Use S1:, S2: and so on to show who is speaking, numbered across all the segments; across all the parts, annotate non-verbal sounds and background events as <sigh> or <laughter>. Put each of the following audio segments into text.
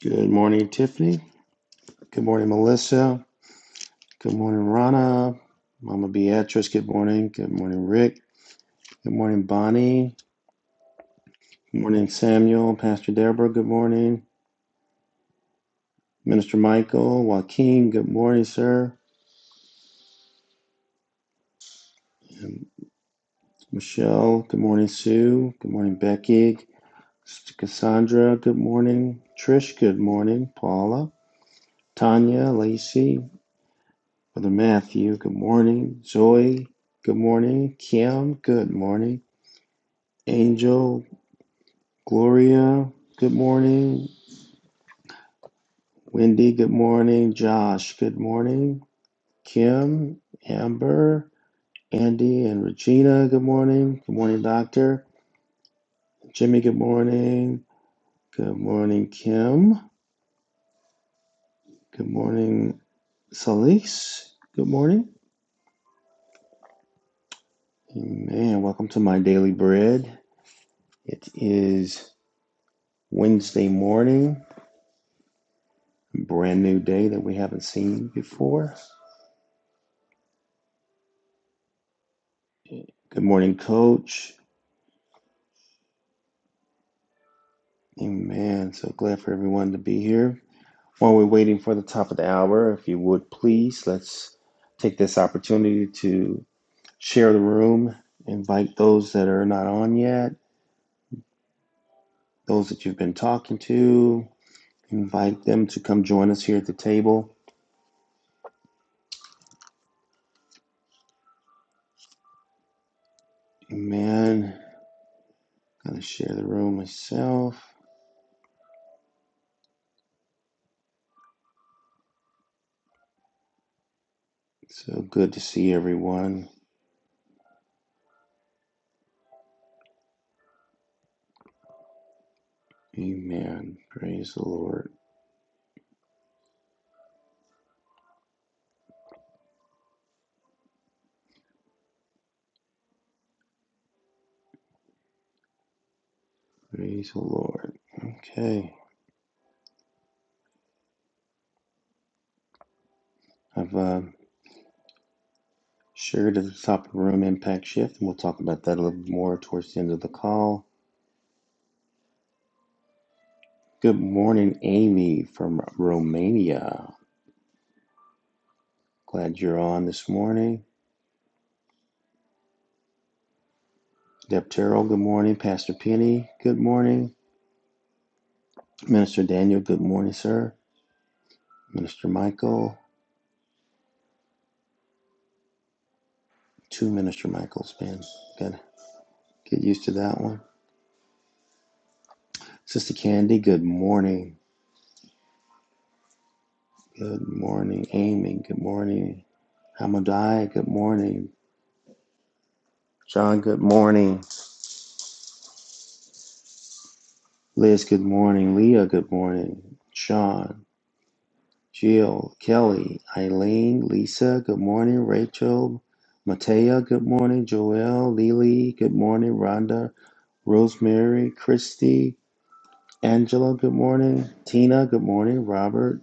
S1: Good morning, Tiffany. Good morning, Melissa. Good morning, Rana. Mama Beatrice, good morning. Good morning, Rick. Good morning, Bonnie. Good morning, Samuel. Pastor Deborah, good morning. Minister Michael, Joaquin, good morning, sir. Michelle, good morning, Sue. Good morning, Becky. Cassandra, good morning. Trish, good morning. Paula, Tanya, Lacey, Brother Matthew, good morning. Zoe, good morning. Kim, good morning. Angel, Gloria, good morning. Wendy, good morning. Josh, good morning. Kim, Amber, Andy, and Regina, good morning. Good morning, Doctor. Jimmy, good morning. Good morning, Kim. Good morning, Solis. Good morning. Amen. Welcome to my daily bread. It is Wednesday morning, brand new day that we haven't seen before. Good morning, Coach. Amen. So glad for everyone to be here. While we're waiting for the top of the hour, if you would please, let's take this opportunity to share the room, invite those that are not on yet, those that you've been talking to, invite them to come join us here at the table. Amen. Gonna share the room myself. So good to see everyone. Amen. Praise the Lord. Praise the Lord. Okay. I've uh, shared at the top of the room impact shift, and we'll talk about that a little more towards the end of the call. Good morning, Amy from Romania. Glad you're on this morning. Deptero, good morning. Pastor Penny, good morning. Minister Daniel, good morning, sir. Minister Michael, two Minister Michaels, man. gotta Get used to that one. Sister Candy, good morning. Good morning, Amy. Good morning. Hamadai, good morning. John, good morning. Liz, good morning. Leah, good morning. Sean, Jill, Kelly, Eileen, Lisa, good morning. Rachel, Matea, good morning. Joelle, Lily, good morning. Rhonda, Rosemary, Christy, Angela, good morning. Tina, good morning. Robert,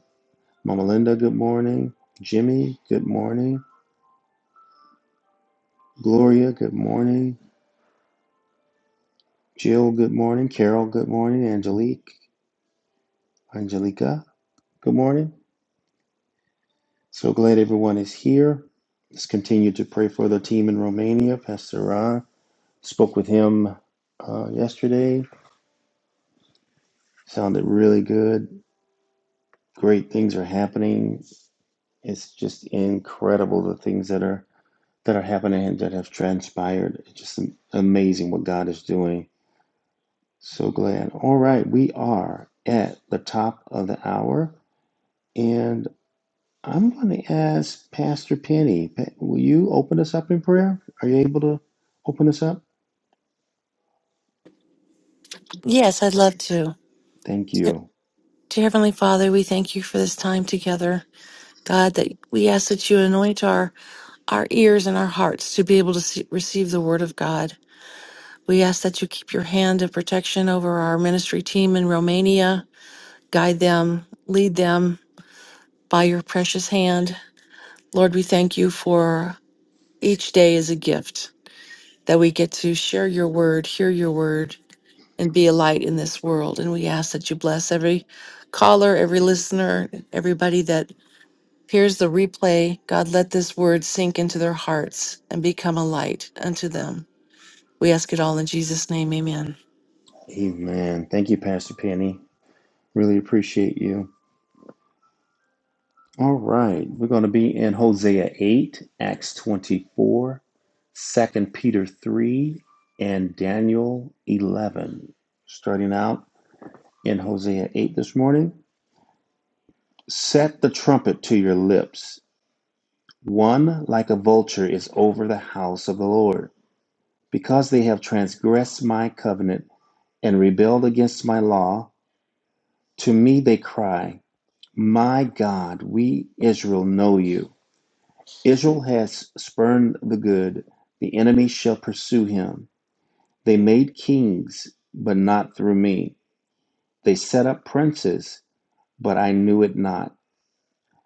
S1: Mama Linda, good morning. Jimmy, good morning. Gloria, good morning. Jill, good morning. Carol, good morning. Angelique, Angelica, good morning. So glad everyone is here. Let's continue to pray for the team in Romania, Pastor Ron. Spoke with him uh, yesterday. Sounded really good. Great things are happening. It's just incredible the things that are that are happening and that have transpired. It's just amazing what God is doing. So glad. All right, we are at the top of the hour, and I'm going to ask Pastor Penny. Pa- Will you open us up in prayer? Are you able to open us up?
S2: Yes, I'd love to.
S1: Thank you.
S2: Dear Heavenly Father, we thank you for this time together. God, that we ask that you anoint our, our ears and our hearts to be able to see, receive the word of God. We ask that you keep your hand of protection over our ministry team in Romania, guide them, lead them by your precious hand. Lord, we thank you for each day as a gift that we get to share your word, hear your word, and be a light in this world. And we ask that you bless every caller, every listener, everybody that hears the replay. God, let this word sink into their hearts and become a light unto them. We ask it all in Jesus' name. Amen.
S1: Amen. Thank you, Pastor Penny. Really appreciate you. All right, we're going to be in Hosea 8, Acts 24, Second Peter 3, and Daniel 11. Starting out in Hosea 8 this morning. Set the trumpet to your lips. One like a vulture is over the house of the Lord. Because they have transgressed my covenant and rebelled against my law, to me they cry, My God, we Israel know you. Israel has spurned the good, the enemy shall pursue him. They made kings, but not through me. They set up princes, but I knew it not.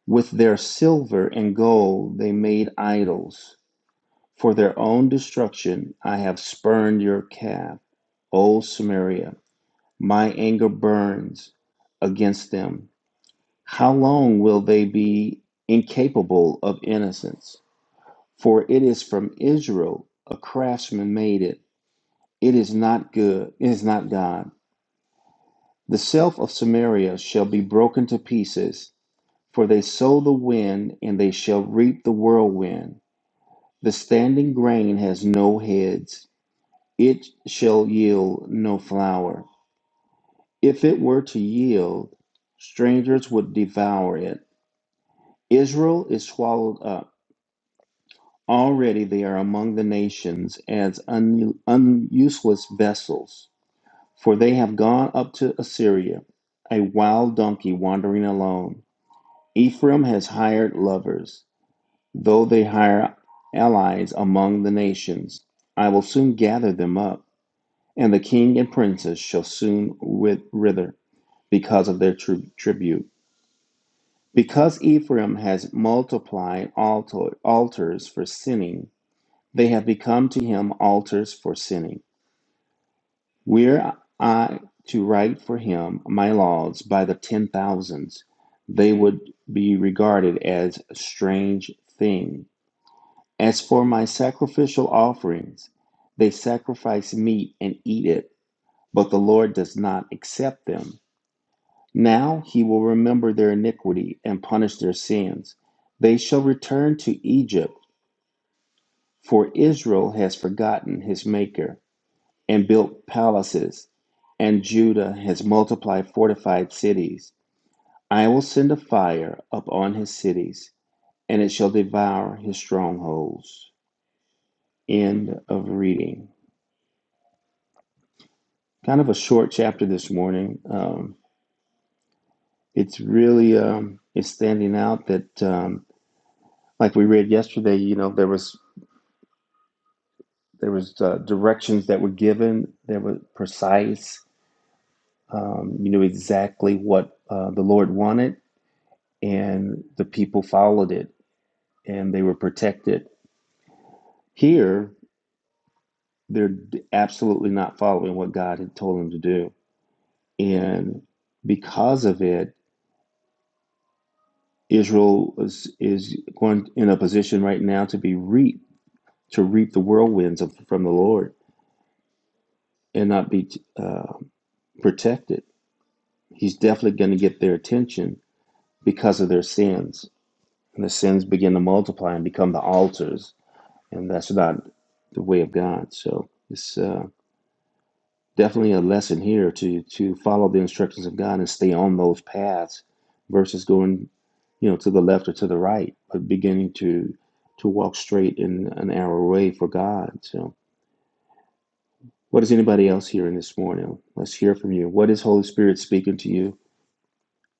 S1: With their silver and gold they made idols. For their own destruction I have spurned your calf, O Samaria. My anger burns against them. How long will they be incapable of innocence? For it is from Israel a craftsman made it. It is not good, it is not God. The self of Samaria shall be broken to pieces, for they sow the wind, and they shall reap the whirlwind. The standing grain has no heads, it shall yield no flour. If it were to yield, strangers would devour it. Israel is swallowed up. Already they are among the nations as un- unuseless vessels. For they have gone up to Assyria, a wild donkey wandering alone. Ephraim has hired lovers, though they hire allies among the nations. I will soon gather them up, and the king and princes shall soon wit- wither because of their tri- tribute. Because Ephraim has multiplied alto- altars for sinning, they have become to him altars for sinning. Were I to write for him my laws by the ten thousands, they would be regarded as a strange thing. As for my sacrificial offerings, they sacrifice meat and eat it, but the Lord does not accept them. Now he will remember their iniquity and punish their sins. They shall return to Egypt, for Israel has forgotten his Maker. and built palaces, and Judah has multiplied fortified cities. I will send a fire upon his cities, and it shall devour his strongholds. End of reading. Kind of a short chapter this morning. Um, it's really um, it's standing out that, um, like we read yesterday, you know, there was there was uh, directions that were given. They were precise. Um, you knew exactly what uh, the Lord wanted, and the people followed it and they were protected. Here, they're absolutely not following what God had told them to do. And because of it, Israel is, is going in a position right now to be reap to reap the whirlwinds of, from the Lord and not be uh, protected. He's definitely going to get their attention because of their sins, and the sins begin to multiply and become the altars, and that's not the way of God. So it's. uh, definitely a lesson here to to follow the instructions of God and stay on those paths versus going you know to the left or to the right but beginning to to walk straight in an arrow way for God so what is anybody else hearing this morning let's hear from you what is Holy Spirit speaking to you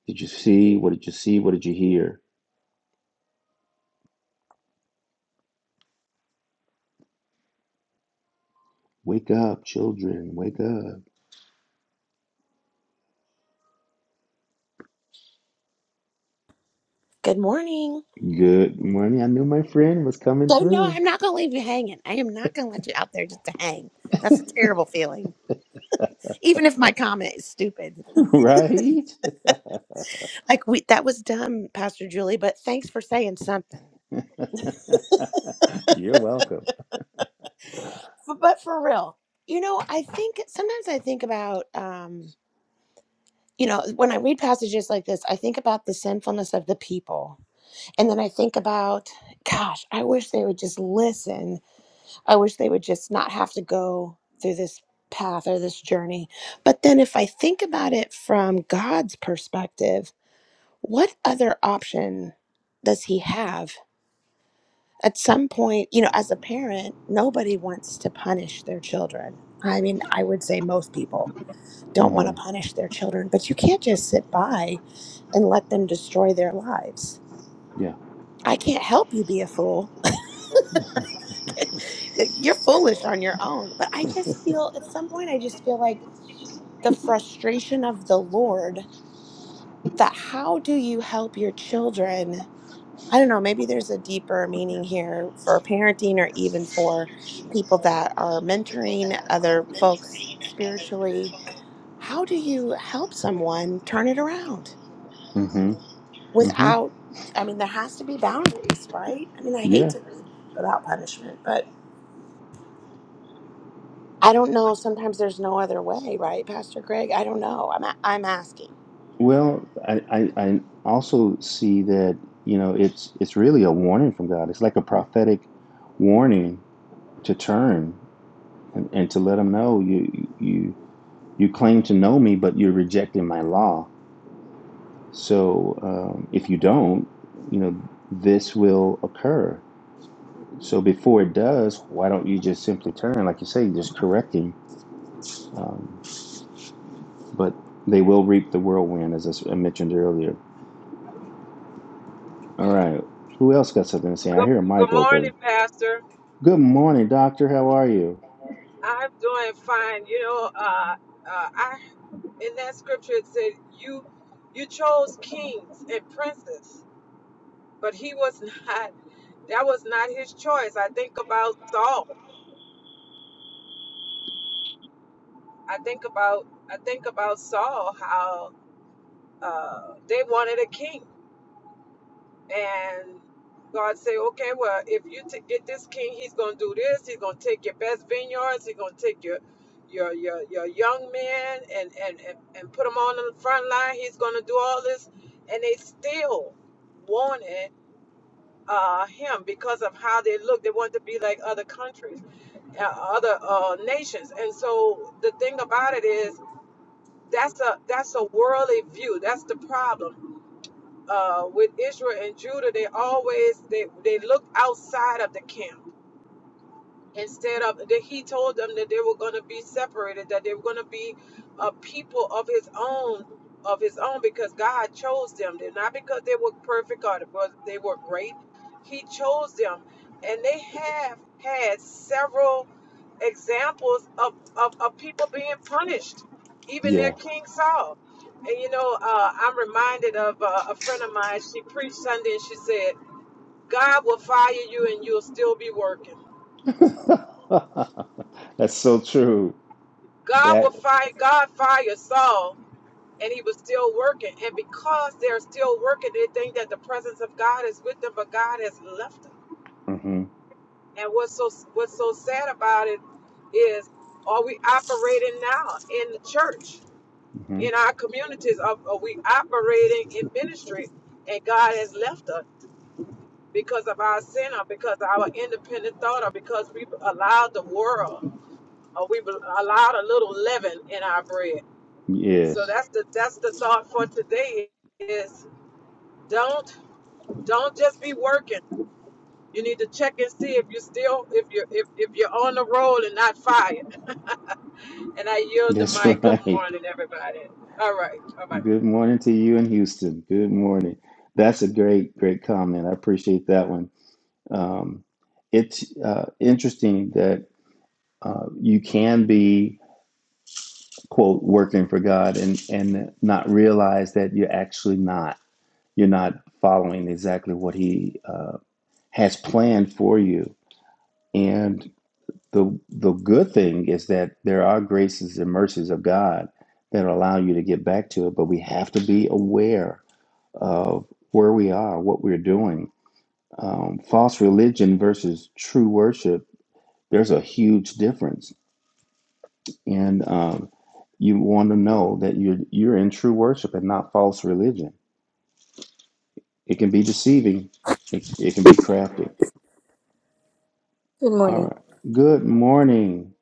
S1: did you see what did you see what did you hear wake up children wake up
S3: Good morning.
S1: good morning I knew my friend was coming
S3: Oh no,
S1: through
S3: I'm not going to leave you hanging. I am not going to let you out there just to hang. That's a terrible feeling. Even if my comment is stupid.
S1: <laughs> right
S3: Like we that was dumb, Pastor Julie, but thanks for saying something.
S1: <laughs> you're welcome
S3: F- But for real, you know, I think sometimes I think about um you know, when I read passages like this, I think about the sinfulness of the people. And then I think about, gosh, I wish they would just listen I wish they would just not have to go through this path or this journey. But then, if I think about it from God's perspective, what other option does He have? At some point, you know, as a parent, nobody wants to punish their children. I mean, I would say most people don't want to
S1: hmm
S3: punish their children, but you can't just sit by and let them destroy their lives.
S1: yeah
S3: I can't help you be a fool <laughs> You're foolish on your own. But I just feel at some point, I just feel like the frustration of the Lord that how do you help your children? I don't know, maybe there's a deeper meaning here for parenting or even for people that are mentoring other folks spiritually. How do you help someone turn it around
S1: hmm hmm
S3: without? I mean, there has to be boundaries, right? I mean, I hate
S1: Yeah.
S3: to read about punishment, but I don't know. Sometimes there's no other way, right, Pastor Greg? I don't know. I'm a- I'm asking.
S1: Well, I, I, I also see that, you know, it's it's really a warning from God. It's like a prophetic warning to turn and, and to let them know you you you claim to know me, but you're rejecting my law. So um, if you don't, you know, this will occur. So before it does, why don't you just simply turn, like you say, just correct him? Um, but they will reap the whirlwind, as I s- I mentioned earlier. All right. Who else got something to say? I
S4: Good,
S1: hear a
S4: good
S1: mic
S4: morning,
S1: open.
S4: Pastor.
S1: Good morning, doctor. How are you?
S4: I'm doing fine. You know, uh, uh, I in that scripture it said you you chose kings and princes, but he was <laughs> not. That was not his choice. I think about Saul. I think about I think about Saul how uh, they wanted a king. and God say, okay, well, if you t- get this king, he's gonna do this. He's gonna take your best vineyards. He's gonna take your your your, your young men and, and and and put them on the front line. He's gonna do all this, and they still wanted uh, him because of how they look. They wanted to be like other countries, uh, other uh, nations. And so the thing about it is, that's a that's a worldly view. That's the problem uh, with Israel and Judah, they always they, they looked outside of the camp instead of that he told them that they were going to be separated that they were going to be a people of his own of his own because god chose them They're not because they were perfect or because they were great he chose them and they have had several examples of, of, of people being punished even their
S1: Yeah.
S4: king saul and you know uh, i'm reminded of uh, a friend of mine she preached sunday and she said god will fire you and you'll still be working
S1: <laughs> That's so true.
S4: God will
S1: That.
S4: fire God fired Saul and he was still working. And because they're still working, they think that the presence of God is with them, but God has left them.
S1: hmm
S4: And what's so what's so sad about it is are we operating now in the church,
S1: hmm
S4: in our communities? Are, are we operating in ministry? And God has left us because of our sin or because of our independent thought or because we allowed the world or we allowed a little leaven in our bread So
S1: Yes.
S4: that's the that's the thought for today is don't don't just be working. You need to check and see if you're still if you're if, if you're on the roll and not fired. And I yield the
S1: That's
S4: mic.
S1: <laughs>
S4: Good
S1: right.
S4: morning, everybody. All right. All right.
S1: Good morning to you in Houston. Good morning. That's a great, great comment. I appreciate that one. Um, it's uh, interesting that uh, you can be quote working for God and and not realize that you're actually not. you're not following exactly what he uh, has planned for you. And the the good thing is that there are graces and mercies of God that allow you to get back to it, but we have to be aware of where we are, what we're doing. Um, false religion versus true worship. There's a huge difference, and um, you want to know that you're you're in true worship and not false religion. It can be deceiving. It, it can be crafty.
S5: Good
S1: All
S5: morning.
S1: right. Good morning.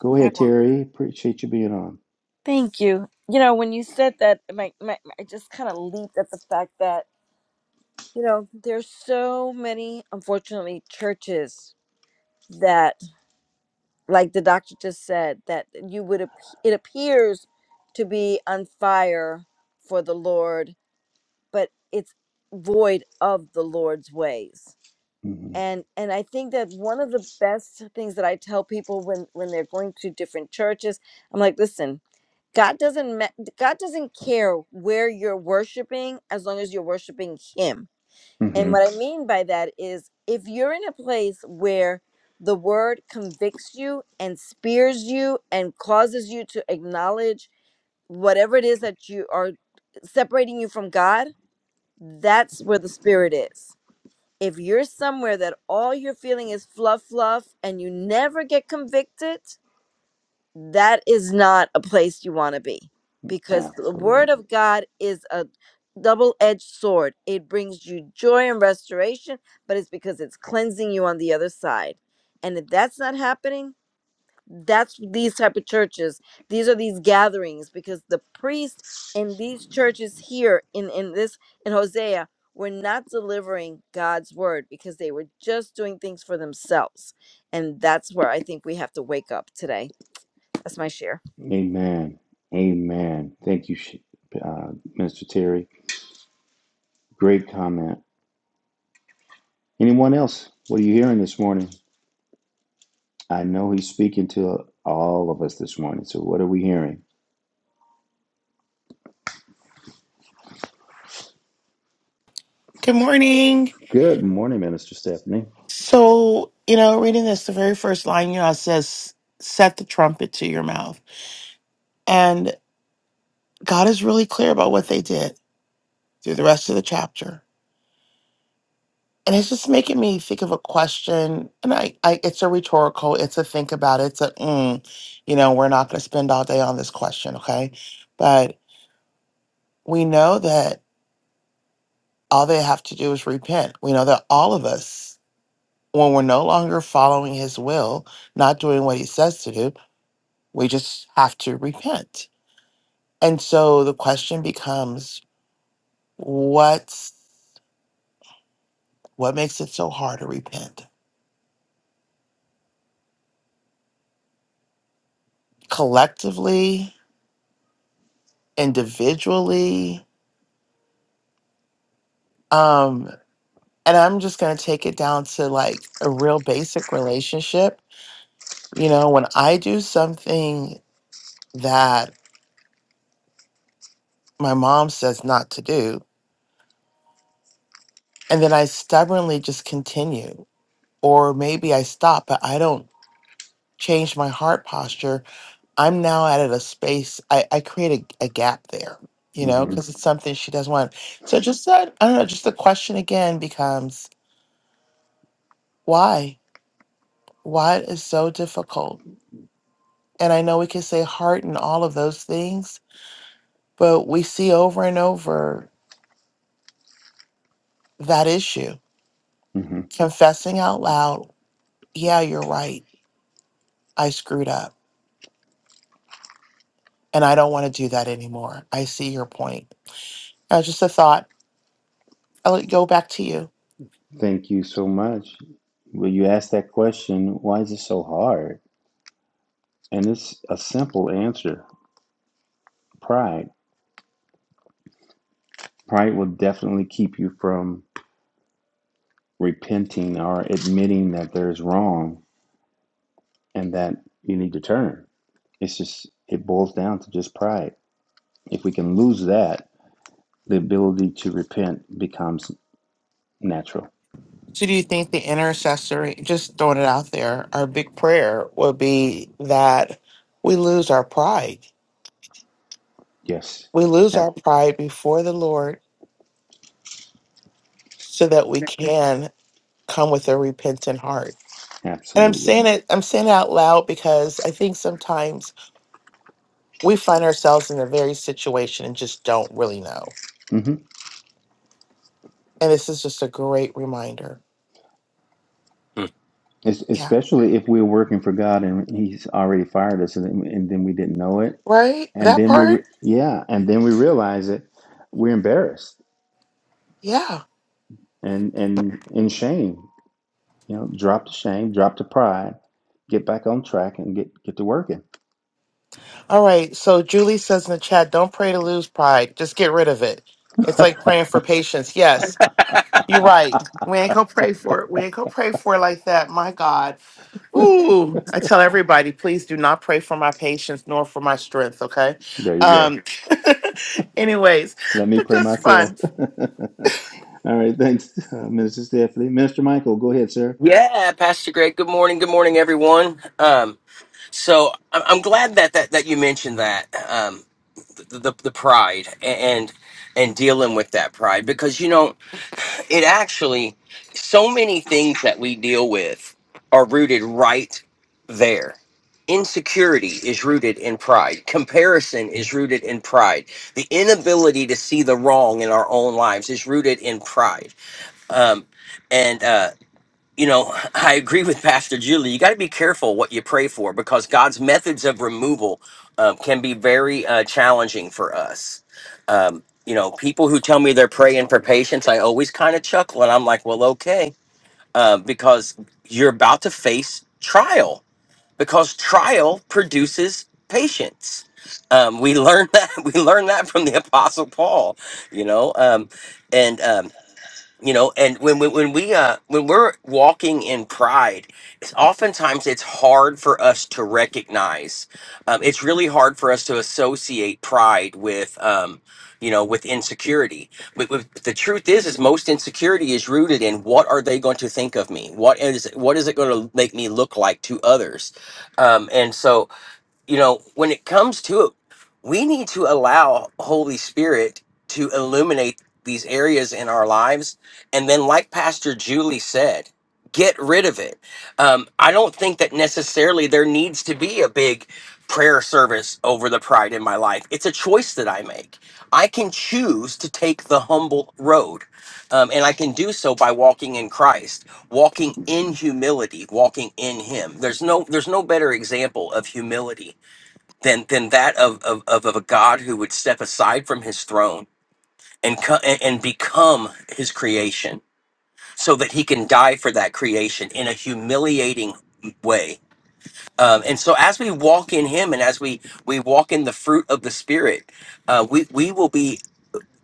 S1: Go
S5: How
S1: ahead,
S5: are you?
S1: Terry. Appreciate you being on.
S5: Thank you. You know, when you said that, my, my, I just kind of leaped at the fact that, you know, there's so many, unfortunately, churches that, like the doctor just said, that you would, ap- it appears to be on fire for the Lord, but it's void of the Lord's ways.
S1: hmm
S5: And, and I think that one of the best things that I tell people when, when they're going to different churches, I'm like, listen, God doesn't ma- God doesn't care where you're worshiping as long as you're worshiping him. And
S1: hmm
S5: what I mean by that is if you're in a place where the word convicts you and spears you and causes you to acknowledge whatever it is that you are separating you from God, that's where the spirit is. If you're somewhere that all you're feeling is fluff fluff and you never get convicted, that is not a place you want to be because the word
S1: Absolutely.
S5: of god is a double-edged sword it brings you joy and restoration but it's because it's cleansing you on the other side and if that's not happening that's these type of churches these are these gatherings because the priest in these churches here in in this in hosea were not delivering god's word because they were just doing things for themselves and that's where i think we have to wake up today that's my share.
S1: Amen. Amen. Thank you, Sh- uh, Minister Terry. Great comment. Anyone else? What are you hearing this morning? I know he's speaking to all of us this morning. So, what are we hearing?
S6: Good morning.
S1: Good morning, Minister Stephanie.
S6: So, you know, reading this, the very first line, you know, it says, set the trumpet to your mouth. And God is really clear about what they did through the rest of the chapter. And it's just making me think of a question. And I, I it's a rhetorical, it's a think about it, it's a, mm, you know, we're not going to spend all day on this question, okay? But we know that all they have to do is repent. We know that all of us, when we're no longer following his will, not doing what he says to do, We just have to repent. And so the question becomes what's what makes it so hard to repent? Collectively, individually, um and I'm just going to take it down to like a real basic relationship. You know, when I do something that my mom says not to do, and then I stubbornly just continue, or maybe I stop, but I don't change my heart posture I'm now at a space I, I create a, a gap there, you know,
S1: hmm
S6: because it's something she doesn't want. So just that I don't know, just the question again becomes why? Why it is so difficult? And I know we can say heart and all of those things, but we see over and over that issue.
S1: hmm
S6: Confessing out loud, yeah, you're right. I screwed up. And I don't want to do that anymore. I see your point. Uh, just a thought. I'll go back to you.
S1: Thank you so much. Well, you asked that question why is it so hard? And it's a simple answer pride. Pride will definitely keep you from repenting or admitting that there's wrong and that you need to turn. It's just, it boils down to just pride. If we can lose that, the ability to repent becomes natural.
S6: So do you think the intercessory, just throwing it out there, our big prayer would be that we lose our pride.
S1: Yes,
S6: We lose
S1: ab-
S6: our pride before the Lord so that we can come with a repentant heart. And I'm
S1: absolutely.
S6: saying it, I'm saying it out loud because I think sometimes we find ourselves in the very situation and just don't really know.
S1: hmm
S6: And this is just a great reminder.
S1: Es-
S6: Yeah.
S1: especially if we're working for God and He's already fired us, and then, and then we didn't know it,
S6: Right?
S1: and
S6: That
S1: then we, re-
S6: part?
S1: yeah, and then we realize it, we're embarrassed
S6: Yeah.
S1: and and in shame You know, drop the shame, drop the pride, get back on track, and get get to working.
S6: All right. So Julie says in the chat, don't pray to lose pride. Just get rid of it. It's like praying for patience. Yes, you're right. We ain't gonna pray for it. We ain't gonna pray for it like that. My God. Ooh. I tell everybody, please do not pray for my patience nor for my strength. Okay.
S1: There you go.
S6: Um. <laughs> anyways,
S1: Let me
S6: but
S1: pray
S6: that's
S1: myself.
S6: fun.
S1: <laughs> All right, thanks, uh, Minister Stephanie. Minister Michael, go ahead, sir.
S7: Yeah, Pastor Greg. Good morning. Good morning, everyone. Um, so I- I'm glad that that, that you mentioned that um, the, the the pride and and dealing with that pride because you know it actually so many things that we deal with are rooted right there. Insecurity is rooted in pride. Comparison is rooted in pride. The inability to see the wrong in our own lives is rooted in pride. Um, and uh, you know, <laughs> I agree with Pastor Julie. You got to be careful what you pray for because God's methods of removal um, can be very uh, challenging for us. Um, you know, people who tell me they're praying for patience, I always kind of chuckle and I'm like, well, okay, uh, because you're about to face trial because trial produces patience. Um, we learned <laughs> that we learned that from the Apostle Paul, you know, um, and um, you know and when we when we uh when we're walking in pride it's oftentimes it's hard for us to recognize um, it's really hard for us to associate pride with um you know with insecurity but, but the truth is is most insecurity is rooted in what are they going to think of me what is what is it going to make me look like to others um and so you know, when it comes to it, we need to allow Holy Spirit to illuminate these areas in our lives. And then, like Pastor Julie said, get rid of it. Um, I don't think that necessarily there needs to be a big prayer service over the pride in my life. It's a choice that I make. I can choose to take the humble road. Um, and I can do so by walking in Christ, walking in humility, walking in Him. There's no, there's no better example of humility than than that of of, of, of a God who would step aside from his throne and, co- and and become his creation so that he can die for that creation in a humiliating way. Um, and so as we walk in him and as we we walk in the fruit of the spirit, uh, we we will be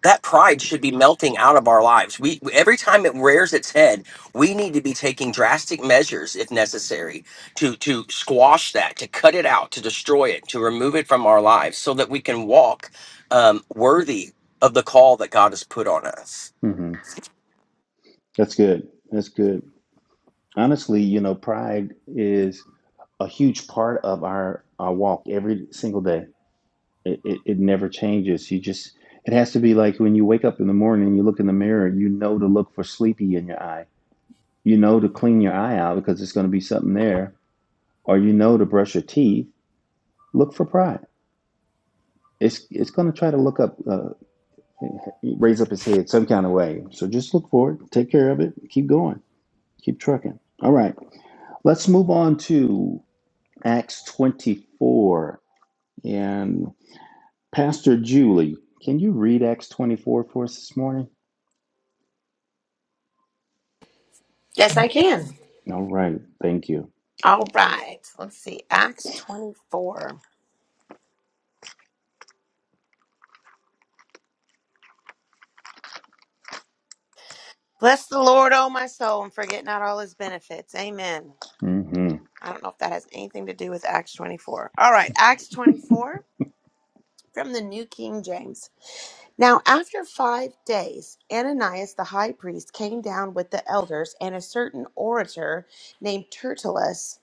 S7: that pride should be melting out of our lives. We every time it rears its head, we need to be taking drastic measures if necessary to to squash that, to cut it out, to destroy it, to remove it from our lives, so that we can walk um, worthy of the call that God has put on us.
S1: hmm That's good. That's good. Honestly, you know, pride is a huge part of our, our walk every single day. It, it, it never changes. You just, it has to be like when you wake up in the morning and you look in the mirror, you know to look for sleepy in your eye. You know to clean your eye out because it's going to be something there or you know to brush your teeth, look for pride. It's it's going to try to look up, uh, raise up its head some kind of way. So just look for it, take care of it, keep going, keep trucking. All right, let's move on to Acts twenty four and Pastor Julie. Can you read Acts twenty four for us this morning?
S3: Yes, I can.
S1: All right, thank you.
S3: All right. Let's see. Acts 24. Bless the Lord, oh my soul, and forget not all his benefits. Amen.
S1: hmm
S3: I don't know if that has anything to do with Acts 24. All right. Acts 24 from the New King James. Now, after five days, Ananias the high priest came down with the elders and a certain orator named Tertullus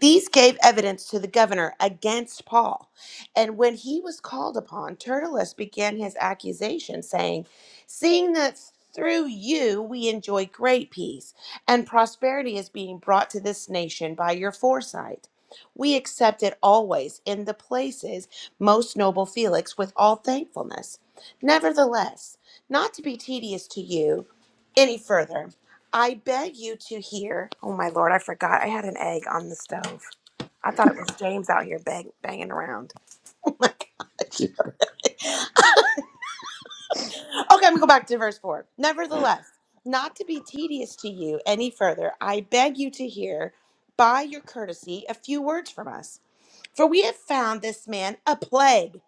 S3: These gave evidence to the governor against Paul. And when he was called upon, Tertullus began his accusation, saying, Seeing that through you we enjoy great peace, and prosperity is being brought to this nation by your foresight. We accept it always in the places, most noble Felix, with all thankfulness. Nevertheless, not to be tedious to you any further, I beg you to hear. Oh my lord, I forgot. I had an egg on the stove. I thought it was James out here bang, banging around. <laughs> Oh my gosh. <laughs> okay, I'm gonna go back to verse four. Nevertheless, not to be tedious to you any further, I beg you to hear by your courtesy a few words from us for we have found this man a plague,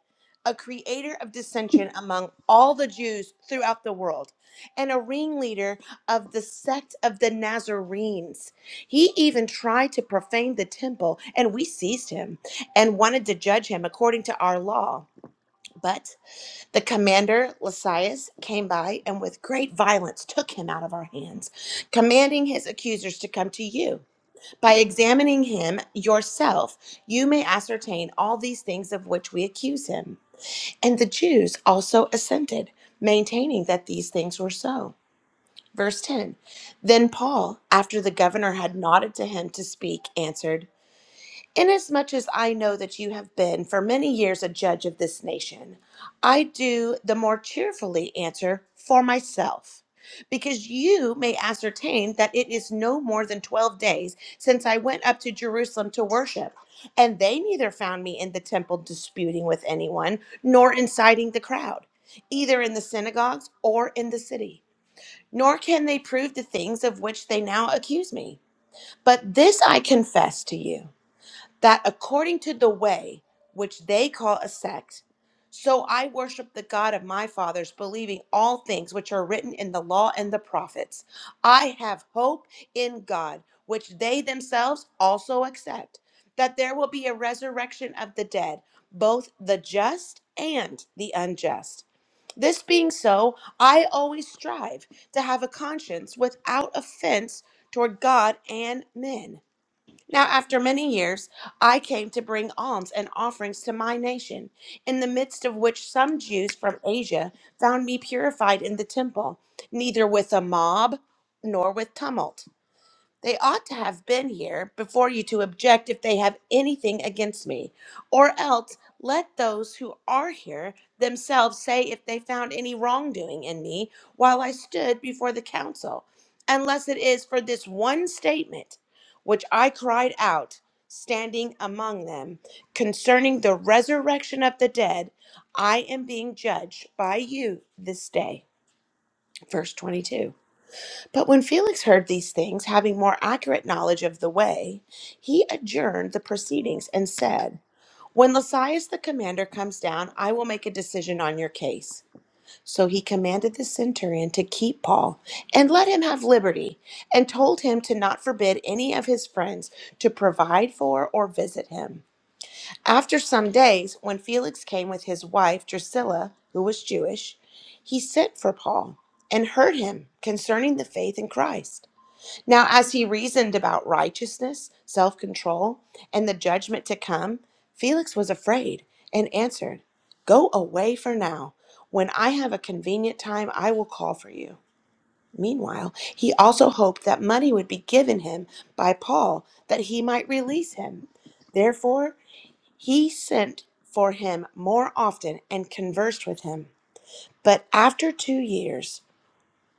S3: a creator of dissension among all the Jews throughout the world, and a ringleader of the sect of the Nazarenes. He even tried to profane the temple, and we seized him and wanted to judge him according to our law. But the commander Lysias came by and with great violence took him out of our hands, commanding his accusers to come to you. By examining him yourself, you may ascertain all these things of which we accuse him. And the Jews also assented, maintaining that these things were so. Verse 10 Then Paul, after the governor had nodded to him to speak, answered, Inasmuch as I know that you have been for many years a judge of this nation, I do the more cheerfully answer for myself, because you may ascertain that it is no more than twelve days since I went up to Jerusalem to worship, and they neither found me in the temple disputing with anyone, nor inciting the crowd, either in the synagogues or in the city. Nor can they prove the things of which they now accuse me. But this I confess to you that according to the way which they call a sect, so I worship the God of my fathers, believing all things which are written in the law and the prophets. I have hope in God, which they themselves also accept, that there will be a resurrection of the dead, both the just and the unjust. This being so, I always strive to have a conscience without offense toward God and men. Now, after many years, I came to bring alms and offerings to my nation, in the midst of which some Jews from Asia found me purified in the temple, neither with a mob nor with tumult. They ought to have been here before you to object if they have anything against me. Or else let those who are here themselves say if they found any wrongdoing in me while I stood before the council, unless it is for this one statement which I cried out standing among them concerning the resurrection of the dead, I am being judged by you this day. Verse 22. But when Felix heard these things, having more accurate knowledge of the way, he adjourned the proceedings and said, When Lysias the commander comes down, I will make a decision on your case. So he commanded the centurion to keep Paul and let him have liberty, and told him to not forbid any of his friends to provide for or visit him. After some days, when Felix came with his wife Drusilla, who was Jewish, he sent for Paul and heard him concerning the faith in Christ. Now, as he reasoned about righteousness, self control, and the judgment to come, Felix was afraid and answered, Go away for now. When I have a convenient time, I will call for you. Meanwhile, he also hoped that money would be given him by Paul that he might release him. Therefore, he sent for him more often and conversed with him. But after two years,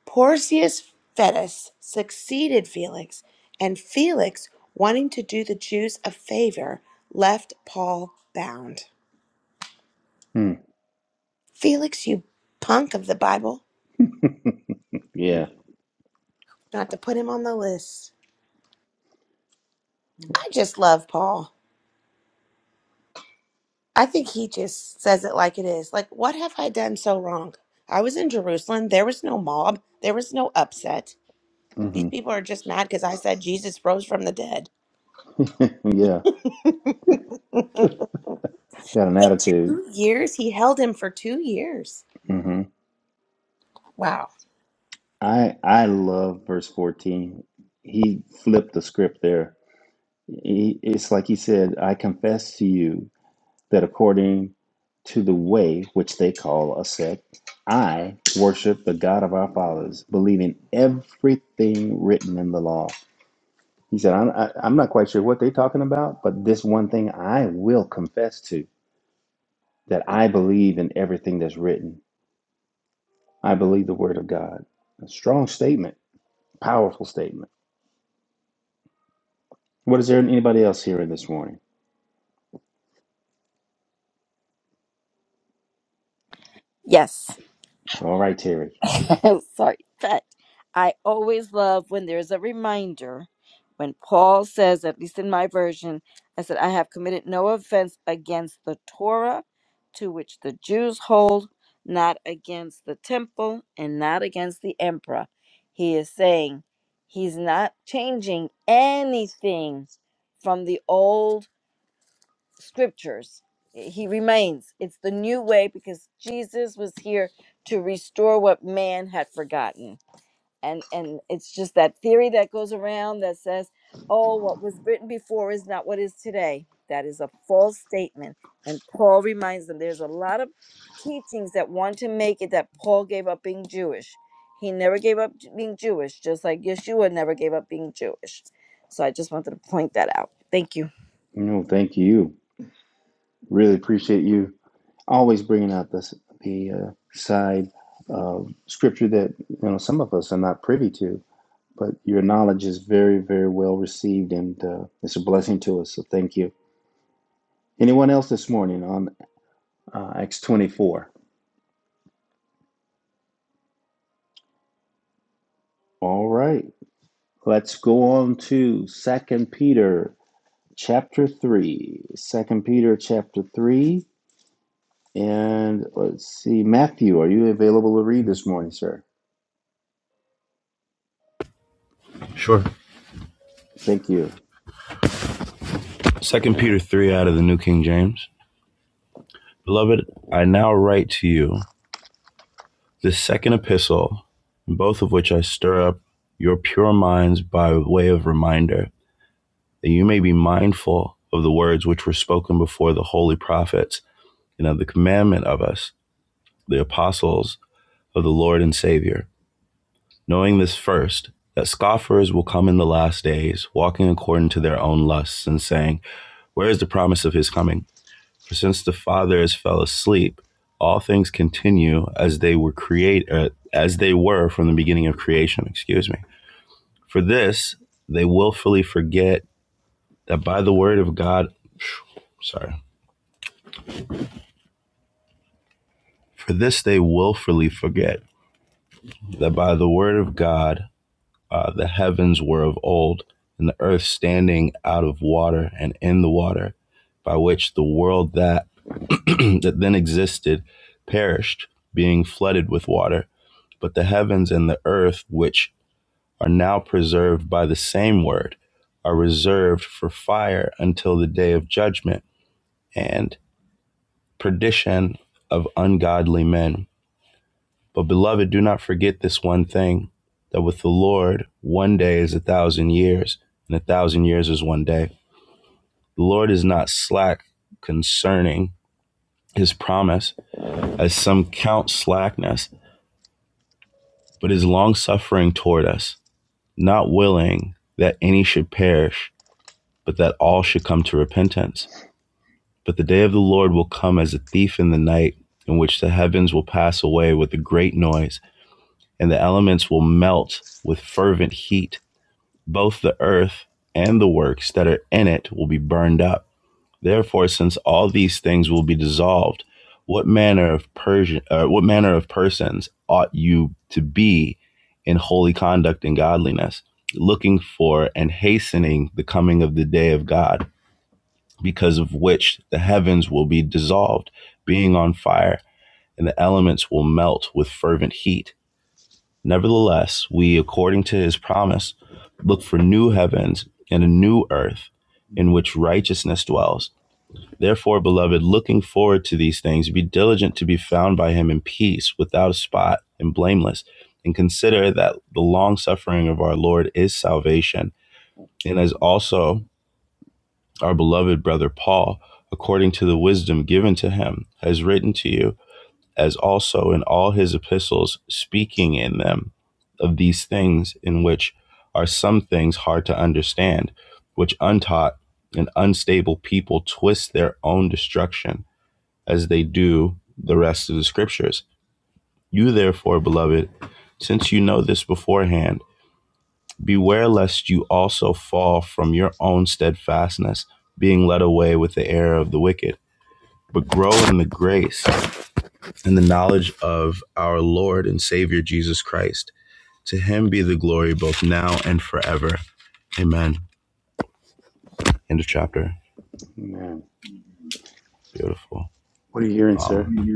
S3: Porcius Fetus succeeded Felix, and Felix, wanting to do the Jews a favor, left Paul bound.
S1: <laughs>
S3: Felix, you punk of the Bible,
S1: Yeah.
S3: not to put him on the list. I just love Paul. I think he just says it like it is. Like, what have I done so wrong? I was in Jerusalem. There was no mob. There was no upset. These
S1: hmm
S3: people are just mad because I said Jesus rose from the dead.
S1: Yeah. Got an
S3: But
S1: attitude.
S3: two years? He held him for two years.
S1: Mm-hmm.
S3: Wow.
S1: I I love verse 14. He flipped the script there. He, it's like he said, I confess to you that according to the way which they call a sect, I worship the God of our fathers, believing everything written in the law. He said, I'm, I, I'm not quite sure what they're talking about, but this one thing I will confess to that I believe in everything that's written. I believe the word of God. A strong statement, powerful statement. What is there anybody else here this morning?
S5: Yes.
S1: All right, Terry.
S5: <laughs> sorry, but I always love when there's a reminder. When Paul says, at least in my version, I said, I have committed no offense against the Torah to which the Jews hold, not against the temple, and not against the emperor. He is saying he's not changing anything from the old scriptures. He remains. It's the new way because Jesus was here to restore what man had forgotten. And and it's just that theory that goes around that says, "Oh, what was written before is not what is today." That is a false statement. And Paul reminds them there's a lot of teachings that want to make it that Paul gave up being Jewish. He never gave up j- being Jewish, just like Yeshua never gave up being Jewish. So I just wanted to point that out. Thank you.
S1: No, thank you. Really appreciate you always bringing out this the uh, side of scripture that you know some of us are not privy to, but your knowledge is very, very well received, and uh, it's a blessing to us. So thank you. Anyone else this morning on uh, Acts twenty four? All right, let's go on to Second Peter chapter three. Second Peter chapter three And let's see, Matthew, are you available to read this morning, sir?
S8: Sure.
S1: Thank you.
S8: Second Peter three out of the New King James. Beloved, I now write to you this second epistle, in both of which I stir up your pure minds by way of reminder, that you may be mindful of the words which were spoken before the holy prophets, and of the commandment of us, the apostles of the Lord and Savior, knowing this first, that scoffers will come in the last days, walking according to their own lusts, and saying, Where is the promise of his coming? For since the fathers fell asleep, all things continue as they were create uh, as they were from the beginning of creation. Excuse me. For this they willfully forget that by the word of God, <sniffs> sorry. For this they willfully forget that by the word of God uh, the heavens were of old, and the earth standing out of water and in the water, by which the world that <clears throat> that then existed perished, being flooded with water. But the heavens and the earth, which are now preserved by the same word, are reserved for fire until the day of judgment and perdition of ungodly men. But beloved, do not forget this one thing that with the Lord, one day is a thousand years, and a thousand years is one day. The Lord is not slack concerning his promise, as some count slackness, but is longsuffering toward us, not willing that any should perish, but that all should come to repentance. But the day of the Lord will come as a thief in the night, in which the heavens will pass away with a great noise, and the elements will melt with fervent heat. Both the earth and the works that are in it will be burned up. Therefore, since all these things will be dissolved, what manner of Persian, uh, what manner of persons ought you to be in holy conduct and godliness, looking for and hastening the coming of the day of God? because of which the heavens will be dissolved, being on fire, and the elements will melt with fervent heat. Nevertheless, we, according to his promise, look for new heavens and a new earth in which righteousness dwells. Therefore, beloved, looking forward to these things, be diligent to be found by him in peace, without a spot, and blameless, and consider that the long suffering of our Lord is salvation, and is also our beloved brother Paul, according to the wisdom given to him, has written to you, as also in all his epistles, speaking in them of these things, in which are some things hard to understand, which untaught and unstable people twist their own destruction, as they do the rest of the scriptures. You, therefore, beloved, since you know this beforehand, Beware lest you also fall from your own steadfastness, being led away with the error of the wicked, but grow in the grace and the knowledge of our Lord and Savior Jesus Christ. To him be the glory both now and forever. Amen. End of chapter.
S1: Amen.
S8: Beautiful.
S1: What are you hearing, sir?
S8: Um,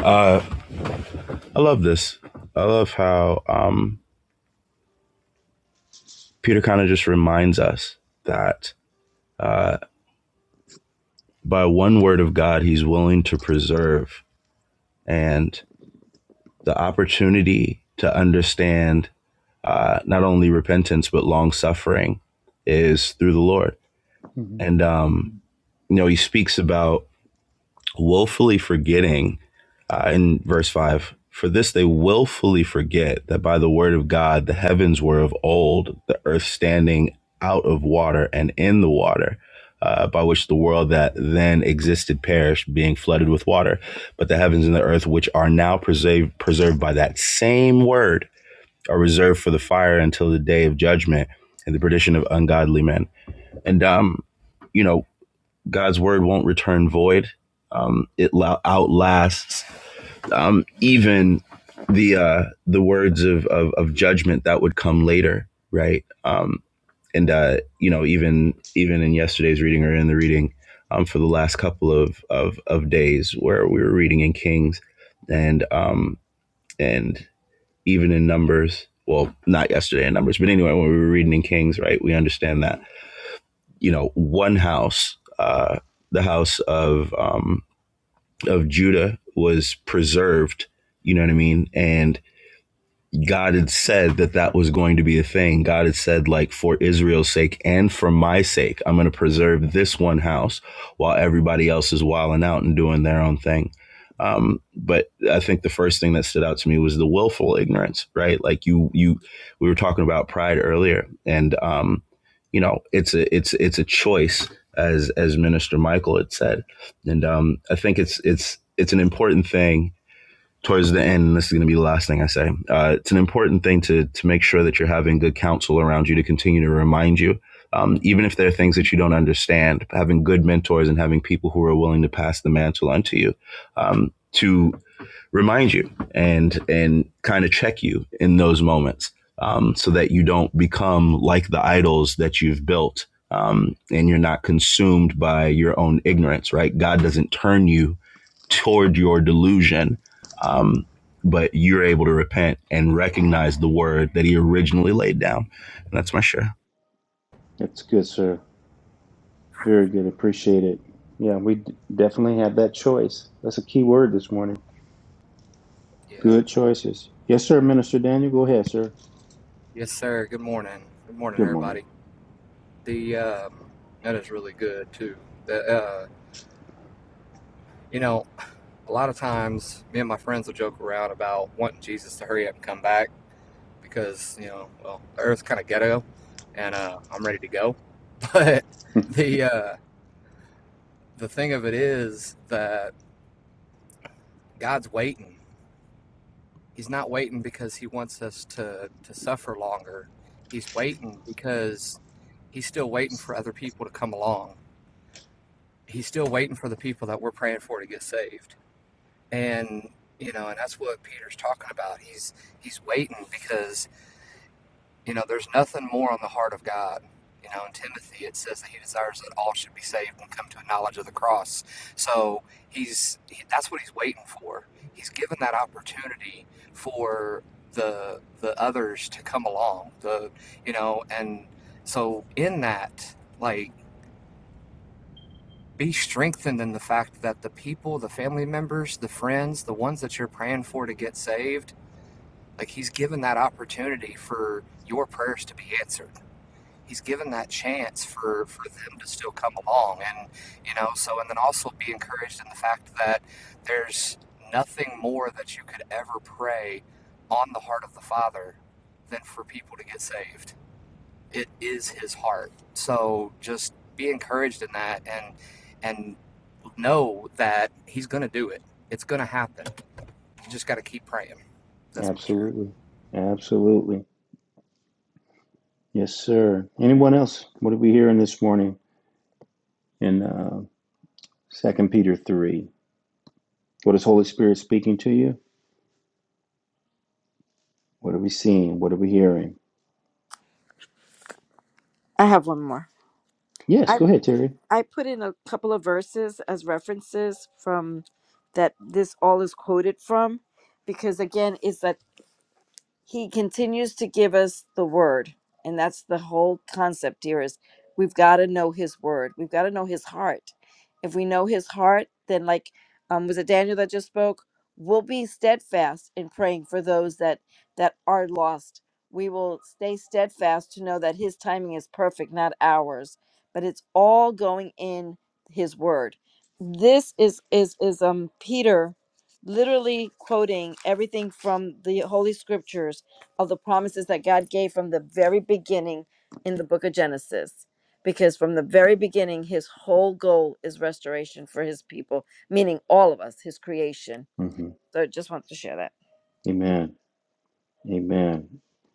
S8: uh, I love this. I love how um, Peter kind of just reminds us that uh, by one word of God, he's willing to preserve and the opportunity to understand uh, not only repentance but long suffering is through the Lord.
S1: hmm
S8: And um, you know, he speaks about woefully forgetting uh, in verse 5 for this they willfully forget that by the word of god the heavens were of old the earth standing out of water and in the water uh, by which the world that then existed perished being flooded with water but the heavens and the earth which are now preserved preserved by that same word are reserved for the fire until the day of judgment and the perdition of ungodly men and um you know God's word won't return void. Um, it la- outlasts um, even the uh, the words of, of of judgment that would come later, right? Um, and uh, you know, even even in yesterday's reading or in the reading um, for the last couple of, of of days, where we were reading in Kings and um, and even in Numbers, well, not yesterday in Numbers, but anyway, when we were reading in Kings, right, we understand that you know, one house, uh, the house of um, of Judah, was preserved. You know what I mean? And God had said that that was going to be a thing. God had said, like, for Israel's sake and for my sake, I'm going to preserve this one house while everybody else is wilding out and doing their own thing. Um, but I think the first thing that stood out to me was the willful ignorance, right? Like you, you, we were talking about pride earlier, and um, you know, it's a, it's, it's a choice, as as Minister Michael had said, and um, I think it's, it's, it's an important thing towards the end, and this is going to be the last thing I say. Uh, it's an important thing to to make sure that you're having good counsel around you to continue to remind you, um,
S1: hmm
S8: even if there are things that you don't understand. Having good mentors and having people who are willing to pass the mantle onto you um, to remind you and and kind of check you in those moments, um, so that you don't become like the idols that you've built. Um, and you're not consumed by your own ignorance, right? God doesn't turn you toward your delusion. Um, but you're able to repent and recognize the word that he originally laid down. And that's my share.
S1: That's good, sir. Very good. Appreciate it. Yeah, we d- definitely have that choice. That's a key word this morning.
S9: Yeah.
S1: Good choices. Yes, sir, Minister Daniel. Go ahead, sir.
S9: Yes, sir. Good morning. Good morning,
S1: Good morning.
S9: everybody. The um, that is really good too. The uh, you know, a lot of times me and my friends will joke around about wanting Jesus to hurry up and come back because you know, well, the Earth's kind of ghetto, and uh, I'm ready to go. <laughs> But the uh, the thing of it is that God's waiting. He's not waiting because He wants us to to suffer longer. He's waiting because He's still waiting for other people to come along he's still waiting for the people that we're praying for to get saved. And you know, and that's what Peter's talking about. He's he's waiting because you know there's nothing more on the heart of God. You know, in Timothy it says that he desires that all should be saved and come to a knowledge of the cross. So he's he, that's what he's waiting for. He's given that opportunity for the the others to come along. The you know, and so in that like be strengthened in the fact that the people, the family members, the friends, the ones that you're praying for to get saved, like he's given that opportunity for your prayers to be answered. He's given that chance for, for them to still come along. And, you know, so, and then also be encouraged in the fact that there's nothing more that you could ever pray on the heart of the Father than for people to get saved. It is his heart. So just be encouraged in that and, and know that he's going to do it. It's going to happen. You just got to keep praying.
S1: <laughs>
S9: That's my share.
S1: Absolutely. Absolutely. Yes, sir. Anyone else? What are we hearing this morning in uh, 2 Peter 3? What is Holy Spirit speaking to you? What are we seeing? What are we hearing?
S5: I have one more.
S1: Yes,
S5: I.
S1: go ahead, Terry.
S5: I put in a couple of verses as references from that this all is quoted from because again it's that he continues to give us the word and that's the whole concept here is we've got to know his word we've got to know his heart if we know his heart then like um was it daniel that just spoke we'll be steadfast in praying for those that that are lost we will stay steadfast to know that his timing is perfect not ours but it's all going in his word this is is is um peter literally quoting everything from the holy scriptures of the promises that God gave from the very beginning in the book of Genesis. Because from the very beginning, his whole goal is restoration for his people, meaning all of us, his creation.
S1: hmm
S5: So I just wanted to share that.
S1: Amen. Amen.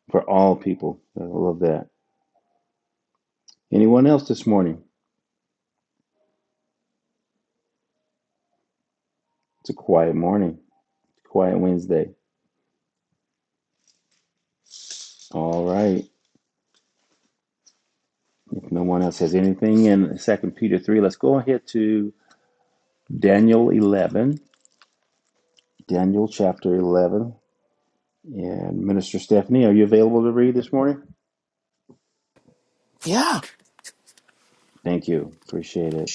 S1: For all people. I love that. Anyone else this morning? It's a quiet morning. Quiet Wednesday. All right. If no one else has anything in Second Peter 3, let's go ahead to Daniel 11. Daniel chapter 11. And Minister Stephanie, are you available to read this morning?
S6: Yeah.
S1: Thank you. Appreciate it.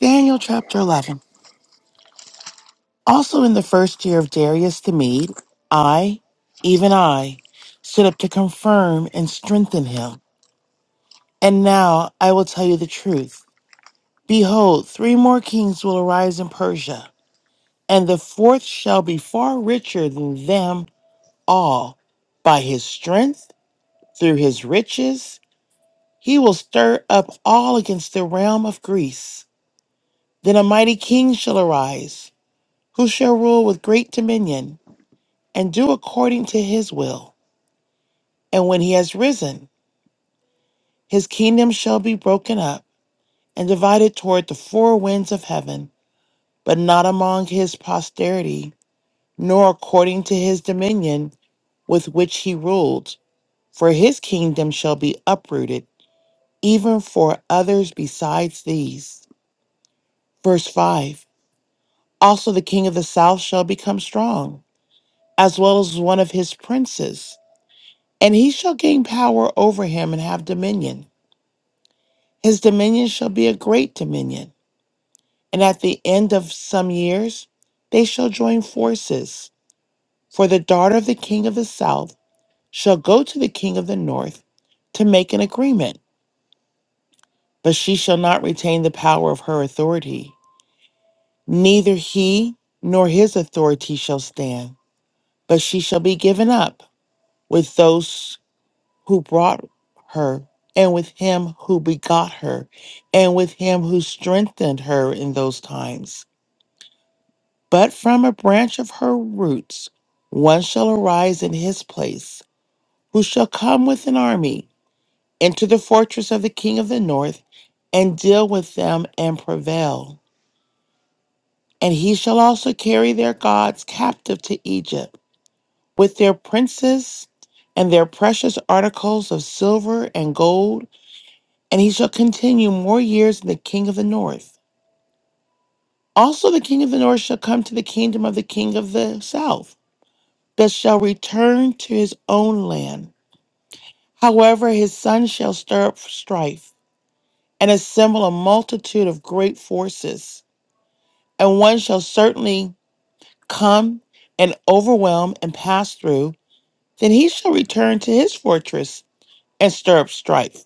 S6: Daniel chapter eleven. Also in the first year of Darius the Mede, I, even I, stood up to confirm and strengthen him And now I will tell you the truth. Behold, three more kings will arise in Persia, and the fourth shall be far richer than them all. By his strength, through his riches, he will stir up all against the realm of Greece. Then a mighty king shall arise, who shall rule with great dominion, and do according to his will. And when he has risen, his kingdom shall be broken up and divided toward the four winds of heaven but not among his posterity, nor according to his dominion with which he ruled. For his kingdom shall be uprooted, even for others besides these. Verse 5 Also the king of the south shall become strong, as well as one of his princes, and he shall gain power over him and have dominion. His dominion shall be a great dominion, and at the end of some years they shall join forces. For the daughter of the king of the south shall go to the king of the north to make an agreement, but she shall not retain the power of her authority. Neither he nor his authority shall stand, but she shall be given up with those who brought her, and with him who begot her, and with him who strengthened her in those times. But from a branch of her roots one shall arise in his place, who shall come with an army Enter the fortress of the king of the north, and deal with them and prevail. And he shall also carry their gods captive to Egypt, with their princes and their precious articles of silver and gold. And he shall continue more years in the king of the north. Also, the king of the north shall come to the kingdom of the king of the south, that shall return to his own land. However, his son shall stir up strife and assemble a multitude of great forces. and one shall certainly come and overwhelm and pass through. Then he shall return to his fortress and stir up strife.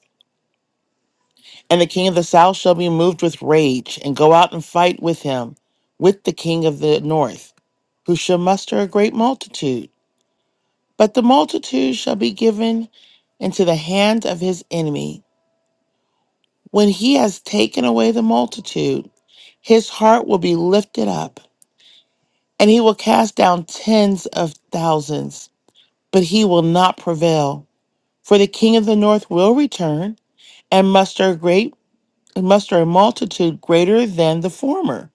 S6: And the king of the south shall be moved with rage and go out and fight with him, with the king of the north, who shall muster a great multitude. But the multitude shall be given into the hand of his enemy. When he has taken away the multitude, his heart will be lifted up, and he will cast down tens of thousands but he will not prevail. For the king of the north will return and muster a great muster a multitude greater than the former,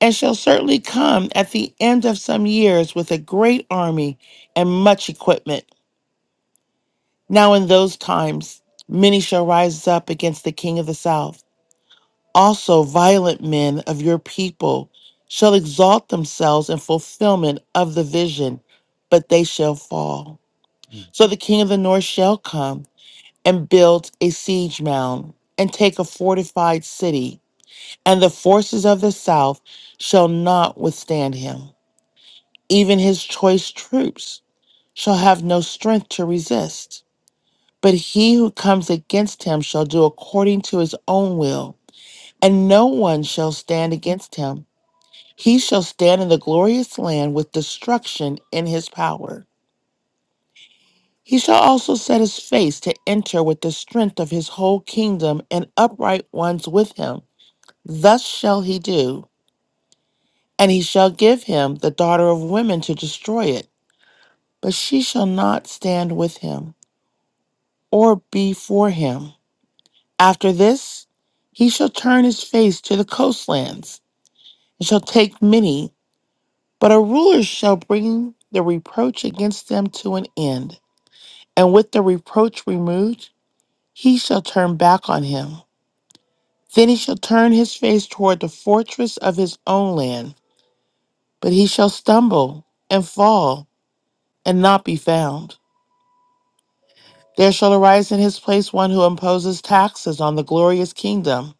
S6: and shall certainly come at the end of some years with a great army and much equipment. Now in those times many shall rise up against the king of the south. Also violent men of your people shall exalt themselves in fulfillment of the vision, but they shall fall. So the king of the north shall come and built a siege mound and take a fortified city, and the forces of the south shall not withstand him. Even his choice troops shall have no strength to resist. But he who comes against him shall do according to his own will, and no one shall stand against him. He shall stand in the glorious land with destruction in his power. He shall also set his face to enter with the strength of his whole kingdom and upright ones with him Thus shall he do, and he shall give him the daughter of women to destroy it, but she shall not stand with him, or be for him. After this, he shall turn his face to the coastlands, and shall take many, but a ruler shall bring the reproach against them to an end, and with the reproach removed, he shall turn back on him. Then he shall turn his face toward the fortress of his own land, but he shall stumble and fall and not be found. There shall arise in his place one who imposes taxes on the glorious kingdom,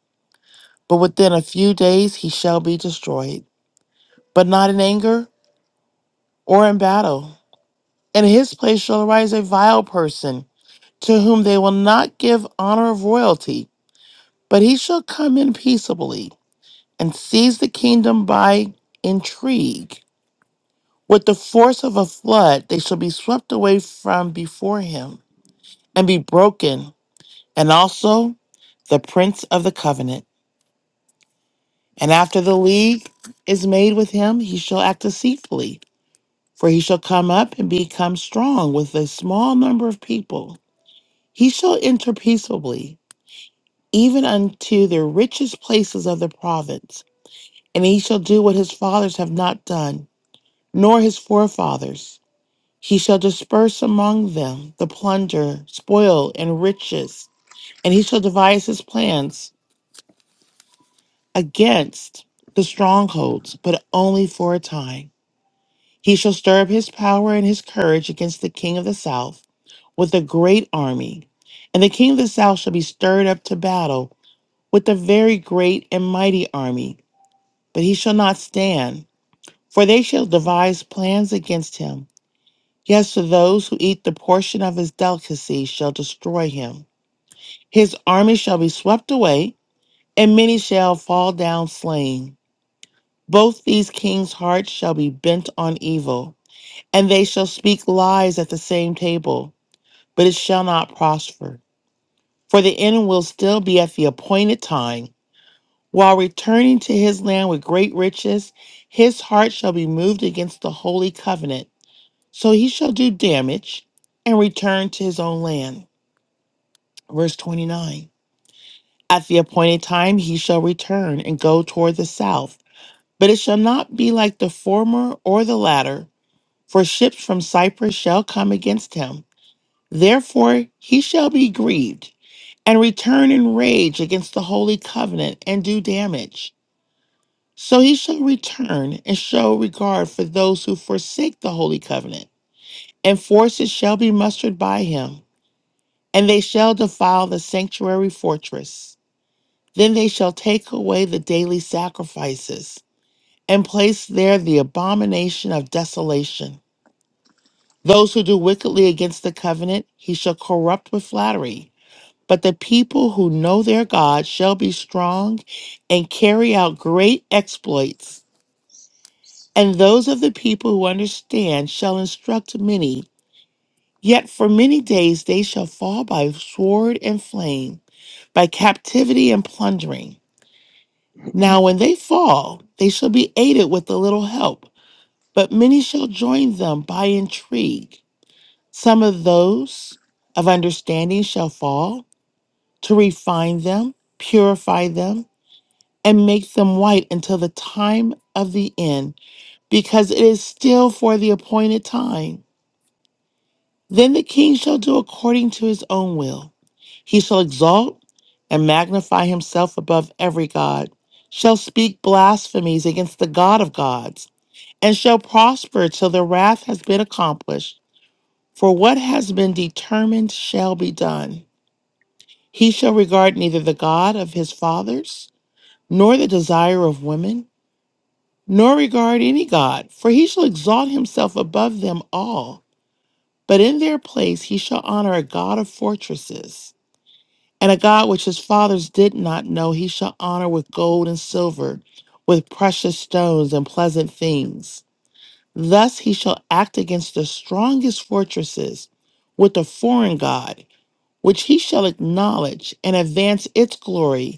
S6: but within a few days he shall be destroyed, but not in anger or in battle. In his place shall arise a vile person, to whom they will not give honor of royalty, but he shall come in peaceably and seize the kingdom by intrigue. With the force of a flood, they shall be swept away from before him and be broken and also the prince of the covenant. And after the league is made with him, he shall act deceitfully, for he shall come up and become strong with a small number of people. He shall enter peaceably, even unto the richest places of the province, and he shall do what his fathers have not done, nor his forefathers. He shall disperse among them the plunder, spoil, and riches, and he shall devise his plans. against the strongholds, but only for a time. He shall stir up his power and his courage against the king of the south with a great army. And the king of the south shall be stirred up to battle with a very great and mighty army, but he shall not stand, for they shall devise plans against him. Yes, to those who eat the portion of his delicacy shall destroy him. His army shall be swept away, and many shall fall down slain. Both these kings' hearts shall be bent on evil, and they shall speak lies at the same table, but it shall not prosper. For the end will still be at the appointed time. While returning to his land with great riches, his heart shall be moved against the holy covenant. So he shall do damage and return to his own land. Verse 29 At the appointed time he shall return and go toward the south, but it shall not be like the former or the latter for ships from Cyprus shall come against him. Therefore he shall be grieved, and return in rage against the holy covenant, and do damage. So he shall return and show regard for those who forsake the holy covenant, and forces shall be mustered by him, and they shall defile the sanctuary fortress. Then they shall take away the daily sacrifices, and place there the abomination of desolation Those who do wickedly against the covenant, he shall corrupt with flattery. But the people who know their God shall be strong and carry out great exploits. And those of the people who understand shall instruct many. Yet for many days they shall fall by sword and flame, by captivity and plundering. Now when they fall, they shall be aided with a little help, but many shall join them by intrigue. Some of those of understanding shall fall to refine them, purify them, and make them white until the time of the end, because it is still for the appointed time. Then the king shall do according to his own will. He shall exalt and magnify himself above every god, shall speak blasphemies against the God of gods, and shall prosper till the wrath has been accomplished. For what has been determined shall be done. He shall regard neither the God of his fathers, nor the desire of women, nor regard any God, for he shall exalt himself above them all. But in their place he shall honor a God of fortresses, and a God which his fathers did not know, he shall honor with gold and silver, with precious stones and pleasant things. Thus he shall act against the strongest fortresses with a foreign God, which he shall acknowledge and advance its glory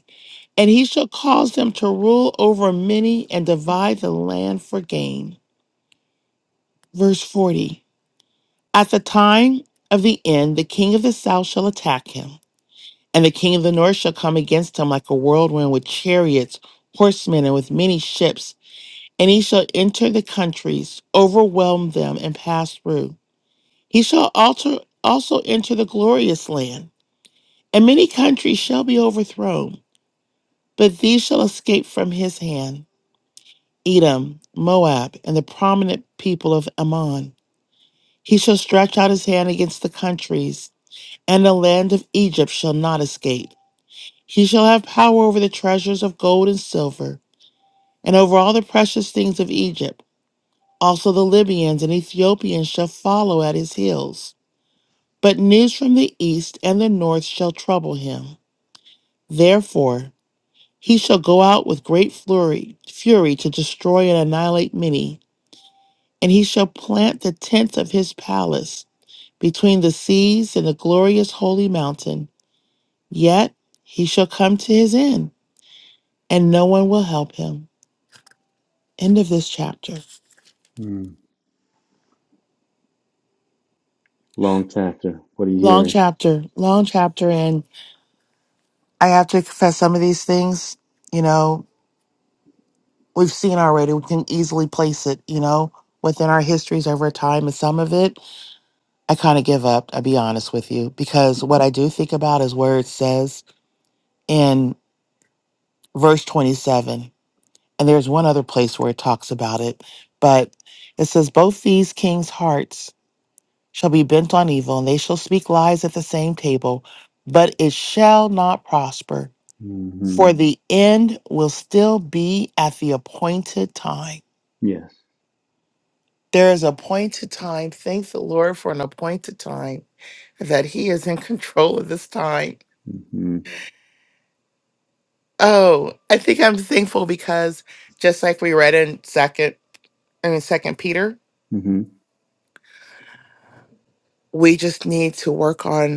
S6: And he shall cause them to rule over many and divide the land for gain. Verse 40 At the time of the end, the king of the south shall attack him, and the king of the north shall come against him like a whirlwind with chariots, horsemen, and with many ships. And he shall enter the countries, overwhelm them, and pass through. He shall alter, also enter the glorious land, and many countries shall be overthrown, but these shall escape from his hand. Edom, Moab, and the prominent people of Ammon. He shall stretch out his hand against the countries, and the land of Egypt shall not escape. He shall have power over the treasures of gold and silver, and over all the precious things of Egypt. Also the Libyans and Ethiopians shall follow at his heels. But news from the east and the north shall trouble him. Therefore, he shall go out with great fury, fury to destroy and annihilate many. And he shall plant the tents of his palace between the seas and the glorious holy mountain. Yet he shall come to his end, and no one will help him. End of this chapter.
S1: Mm. Long chapter. What are you
S6: Long
S1: hearing?
S6: chapter, long chapter. And I have to confess some of these things, you know, we've seen already. We can easily place it, you know, within our histories over time. And some of it, I kind of give up, I'll be honest with you, because what I do think about is where it says in verse 27 And there's one other place where it talks about it, but it says, Both these kings' hearts shall be bent on evil, and they shall speak lies at the same table, but it shall not prosper,
S1: hmm
S6: for the end will still be at the appointed time.
S1: Yes.
S6: There is appointed time. Thank the Lord for an appointed time that He is in control of this time.
S1: Mm-hmm.
S6: Oh, I think I'm thankful because just like we read in second, I mean second Peter,
S1: hmm
S6: we just need to work on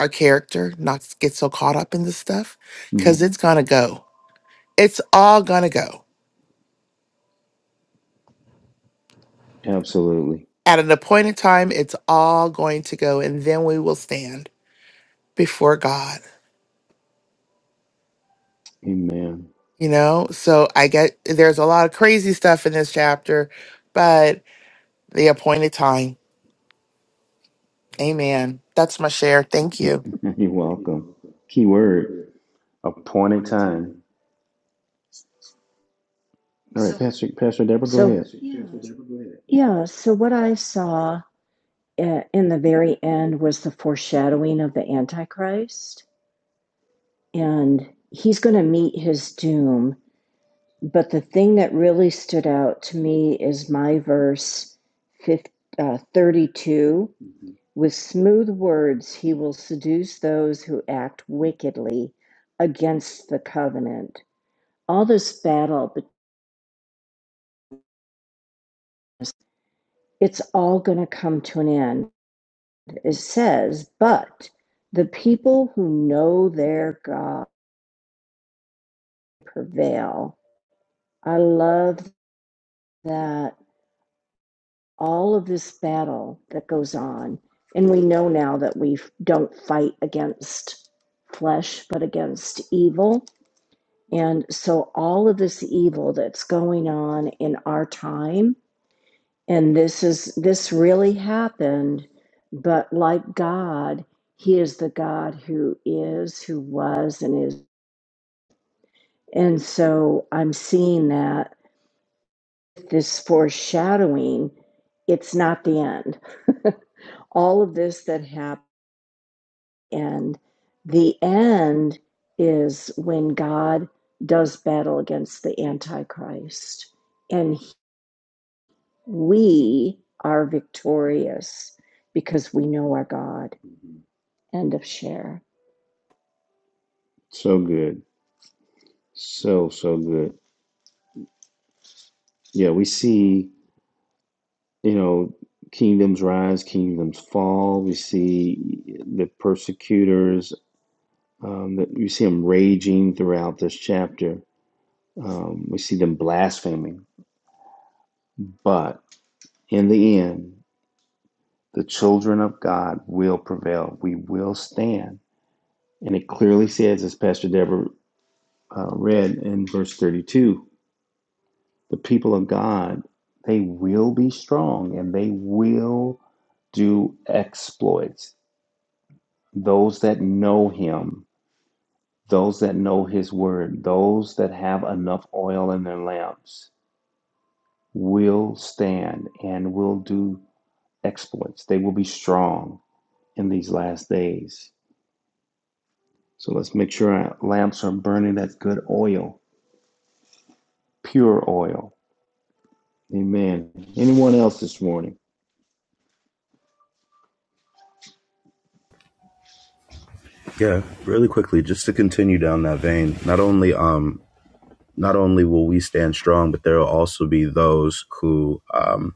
S6: our character not s- get so caught up in this stuff
S1: hmm
S6: because it's gonna go. It's all gonna go.
S1: Absolutely.
S6: At an appointed time, it's all going to go, and then we will stand before God.
S1: Amen.
S6: You know, so I get there's a lot of crazy stuff in this chapter, but the appointed time. Amen. That's my share. Thank you.
S1: <laughs> You're welcome. Key word, appointed time.
S10: Right,
S1: All right, So, Pastor, Pastor Deborah, go
S10: So
S1: ahead.
S10: Yeah, so what I saw uh, in the very end was the foreshadowing of the Antichrist, and he's going to meet his doom. But the thing that really stood out to me is my verse 50, uh, 32 with smooth words, he will seduce those who act wickedly against the covenant. All this battle, it's all going to come to an end It says, but the people who know their God prevail. I love that all of this battle that goes on, and we know now that we don't fight against flesh, but against evil. And so all of this evil that's going on in our time, and this is this really happened, but like God, He is the God who is, who was, and is And so I'm seeing that this foreshadowing, it's not the end. <laughs> All of this that happened, and the end is when God does battle against the Antichrist. And we are victorious because we know our God. End of share.
S1: So good. So, so good. Yeah, we see, you know, kingdoms rise, kingdoms fall. We see the persecutors, um, that we see them raging throughout this chapter. Um, we see them blaspheming. But in the end, the children of God will prevail. We will stand And it clearly says, as Pastor Deborah uh, read in verse 32, the people of God, they will be strong and they will do exploits. Those that know Him, those that know His word, those that have enough oil in their lamps will stand and will do exploits. They will be strong in these last days. So let's make sure our lamps are burning that good oil, pure oil Amen. Anyone else this morning?
S8: Yeah, really quickly, just to continue down that vein. Not only um not only will we stand strong, but there will also be those who um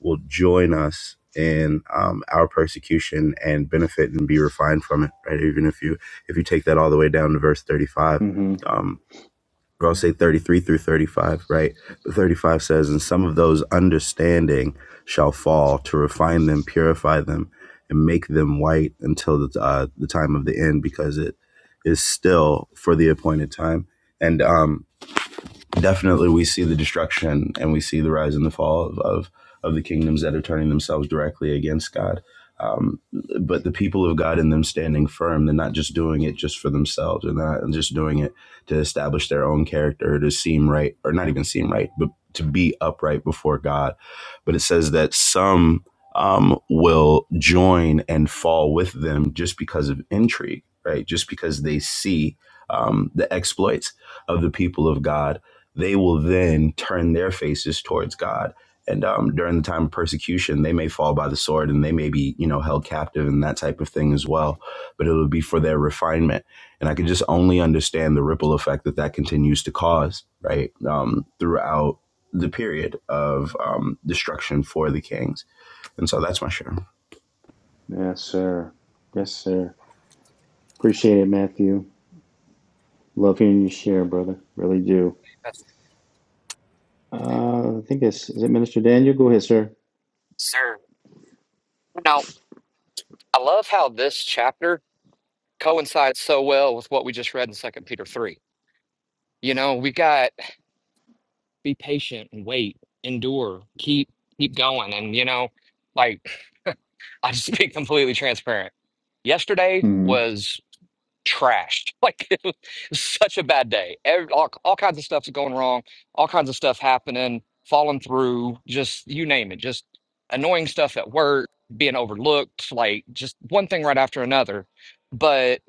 S8: will join us in um, our persecution and benefit and be refined from it. Right, even if you if you take that all the way down to verse thirty five.
S1: Mm-hmm.
S8: um. or I'll say 33 through 35, right? But 35 says, And some of those understanding shall fall to refine them, purify them, and make them white until the, uh, the time of the end, because it is still for the appointed time. And um, definitely we see the destruction and we see the rise and the fall of of, of the kingdoms that are turning themselves directly against God. Um, but the people of God and them standing firm, they're not just doing it just for themselves. They're not just doing it to establish their own character, to seem right, or not even seem right, but to be upright before God. But it says that some um, will join and fall with them just because of intrigue, right? Just because they see um, the exploits of the people of God they will then turn their faces towards God. And um, during the time of persecution, they may fall by the sword and they may be, you know, held captive and that type of thing as well. But it will be for their refinement. And I can just only understand the ripple effect that that continues to cause, right, um, throughout the period of um, destruction for the kings. And so that's my share.
S1: Yes, sir. Yes, sir. Appreciate it, Matthew. Love hearing you share, brother. Really do.
S9: That's hey,
S1: Uh, I think it's is it Minister Daniel? Go ahead, sir.
S9: Sir. Now, I love how this chapter coincides so well with what we just read in Second Peter three. You know, we got be patient and wait, endure, keep keep going, and you know, like <laughs> I'll just be completely transparent. Yesterday
S1: Mm-hmm.
S9: was. trashed. <laughs> Like it was such a bad day. Ev- all, all kinds of stuff's going wrong. All kinds of stuff happening, falling through, just you name it. Just annoying stuff at work, being overlooked, like just one thing right after another. But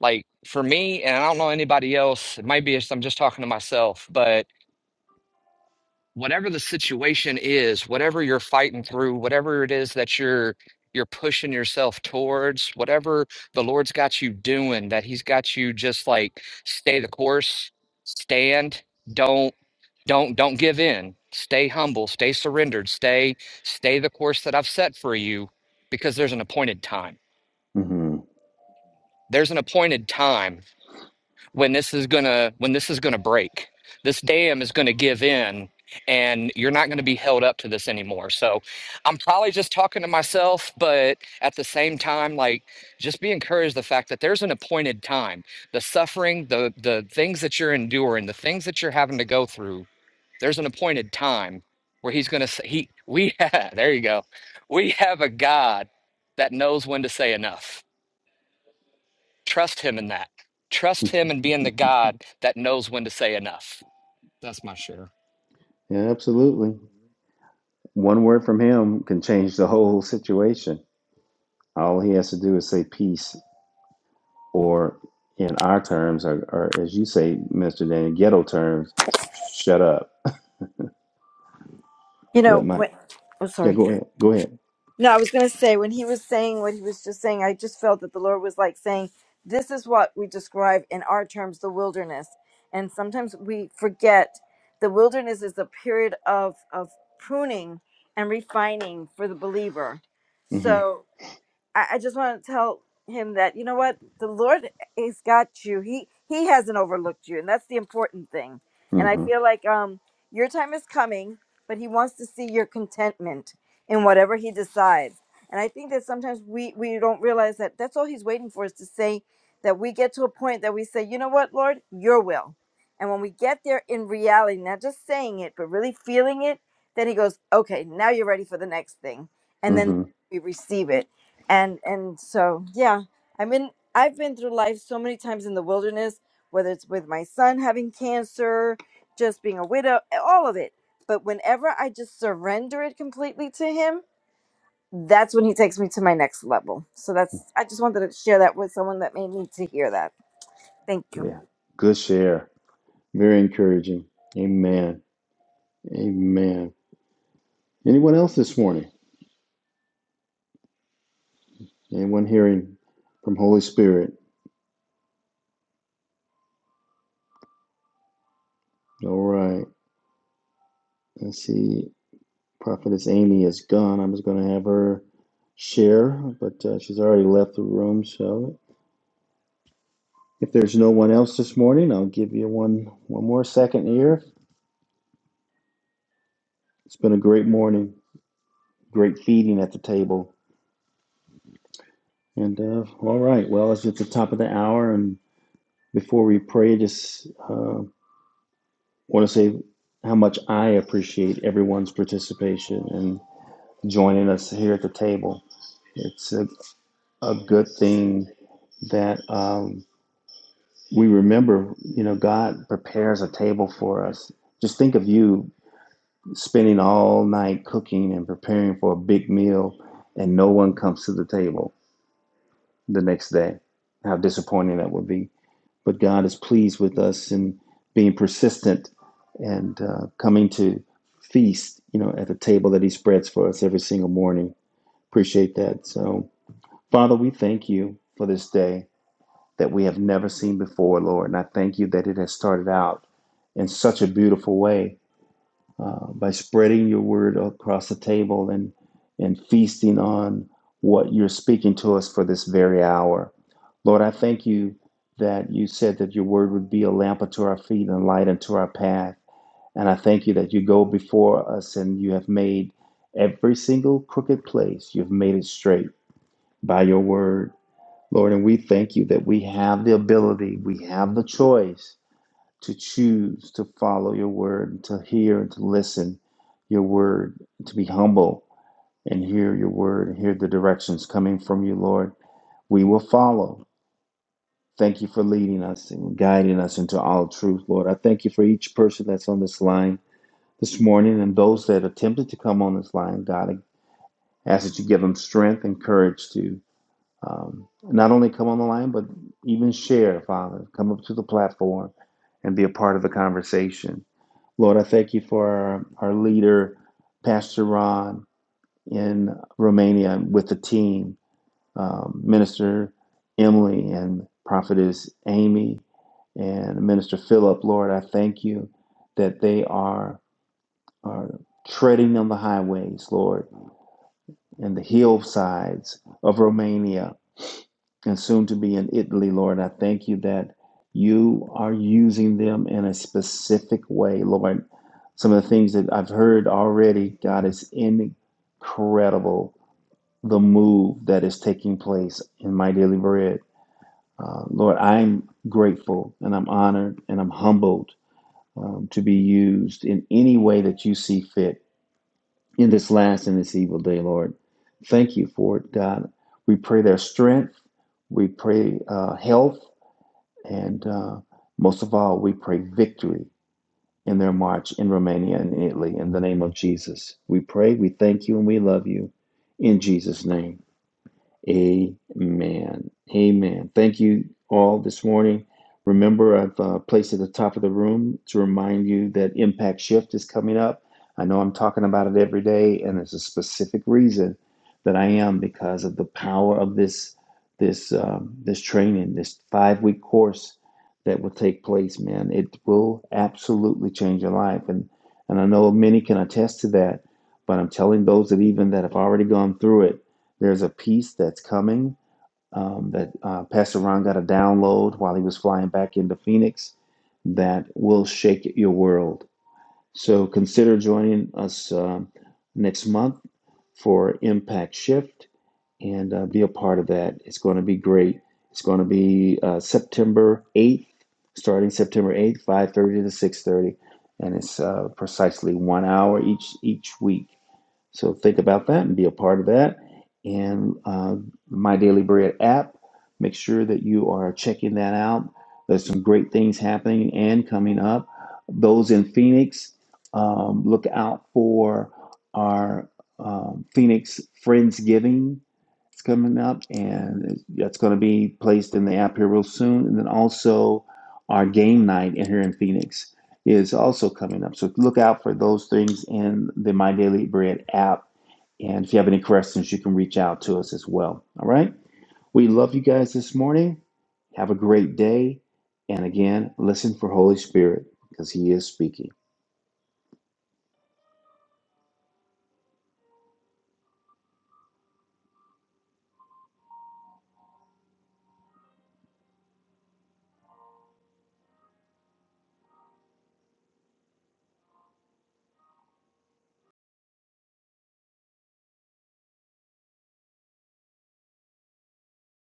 S9: like for me, and I don't know anybody else, maybe it's I'm just talking to myself, whatever the situation is, whatever you're fighting through, whatever it is that you're you're pushing yourself towards, whatever the Lord's got you doing, that He's got you just like stay the course, stand, don't don't don't give in. Stay humble, stay surrendered, stay stay the course that I've set for you because there's an appointed time.
S1: Mm-hmm.
S9: There's an appointed time when this is gonna when this is gonna break this dam is gonna give in and you're not gonna be held up to this anymore so i'm probably just talking to myself but at the same time like just be encouraged the fact that there's an appointed time the suffering the the things that you're enduring the things that you're having to go through there's an appointed time where he's gonna say he we <laughs> have there you go we have a god that knows when to say enough Trust him in that. Trust him in being the God that knows when to say enough. That's my share.
S1: Yeah, absolutely. One word from him can change the whole situation. All he has to do is say peace, or in our terms, or, or as you say, Minister Daniel, ghetto terms, shut up.
S5: You
S1: Let
S5: know,
S1: my
S5: when, Oh,
S1: yeah.
S5: sorry.
S1: Go ahead. Go ahead.
S5: No, I was going to say when he was saying what he was just saying, I just felt that the Lord was like saying, This is what we describe in our terms the wilderness. And sometimes we forget the wilderness is a period of, of pruning and refining for the believer.
S1: Mm-hmm.
S5: So I, I just want to tell him that you know what the Lord has got you. He He hasn't overlooked you, and that's the important thing. And I
S1: Mm-hmm.
S5: feel like um your time is coming, but He wants to see your contentment in whatever He decides. And I think that sometimes we we don't realize that that's all He's waiting for is to say that we get to a point that we say, you know what, Lord, Your will. And when we get there in reality, not just saying it, but really feeling it, then He goes, okay, now you're ready for the next thing. And
S1: Mm-hmm.
S5: then we receive it and and so yeah i mean i've been through life so many times in the wilderness whether it's with my son having cancer just being a widow all of it but whenever i just surrender it completely to him that's when he takes me to my next level so that's i just wanted to share that with someone that may need to hear that thank you
S1: Yeah. Good share. Very encouraging. Amen. Amen. Anyone else this morning? Anyone hearing from Holy Spirit? All right. Let's see. Prophetess Amy is gone. I'm just going to have her share, but uh, she's already left the room. So if there's no one else this morning, I'll give you one one more second here. It's been a great morning. Great feeding at the table. And uh, all right. Well, it's at the top of the hour, and before we pray, just. uh, want to say how much I appreciate everyone's participation and joining us here at the table. It's a, a good thing that um, we remember, you know, God prepares a table for us. Just think of you spending all night cooking and preparing for a big meal, and no one comes to the table the next day. How disappointing that would be. but God is pleased with us in being persistent and uh, coming to feast, you know, at the table that He spreads for us every single morning. Appreciate that. So, Father, we thank you for this day that we have never seen before, Lord. And I thank you that it has started out in such a beautiful way uh, by spreading your word across the table and and feasting on what you're speaking to us for this very hour. Lord, I thank you that you said that your word would be a lamp unto our feet and a light unto our path. And I thank you that you go before us and you have made every single crooked place, you've made it straight by your word. Lord, and we thank you that we have the ability, we have the choice to choose to follow your word, and to hear and to listen your word, to be humble and hear your word and hear the directions coming from you, Lord. We will follow. Thank you for leading us and guiding us into all truth, Lord. I thank you for each person that's on this line this morning and those that attempted to come on this line, God. I ask that you give them strength and courage to um, not only come on the line, but even share, Father. Come up to the platform and be a part of the conversation. Lord, I thank you for our, our leader, Pastor Ron, in Romania with the team, um, Minister Emily and Prophetess Amy and Minister Philip. Lord, I thank you that they are, are treading on the highways, Lord, and the hillsides of Romania and soon to be in Italy, Lord. I thank you that you are using them in a specific way, Lord. Some of the things that I've heard already, God, is incredible the move that is taking place in my daily bread. Uh, Lord, I'm grateful and I'm honored and I'm humbled um, to be used in any way that you see fit in this last and this evil day, Lord. Thank you for it, God. We pray their strength. We pray uh, health. And uh, most of all, we pray victory in their march in Romania and in Italy in the name of Jesus. We pray, we thank you, and we love you in Jesus' name. Amen. Amen. Thank you all this morning. Remember, I've uh, placed at the top of the room to remind you that Impact Shift is coming up. I know I'm talking about it every day, and there's a specific reason that I am because of the power of this this um, this training, this five week course that will take place. Man, it will absolutely change your life, and and I know many can attest to that. But I'm telling those that even that have already gone through it there's a piece that's coming um, that uh, Pastor Ron got a download while he was flying back into Phoenix that will shake your world. So consider joining us um, next month for Impact Shift and uh, be a part of that. It's going to be great. It's going to be uh, September 8th, starting September 8th, 5:30 to 6:30, and it's uh, precisely one hour each each week. So think about that and be a part of that. And uh, My Daily Bread app, make sure that you are checking that out. There's some great things happening and coming up. Those in Phoenix, um, look out for our um, Phoenix Friendsgiving. It's coming up, and that's going to be placed in the app here real soon. And then also our game night in here in Phoenix is also coming up. So look out for those things in the My Daily Bread app. And if you have any questions, you can reach out to us as well. All right. We love you guys this morning. Have a great day. And again, listen for Holy Spirit because He is speaking.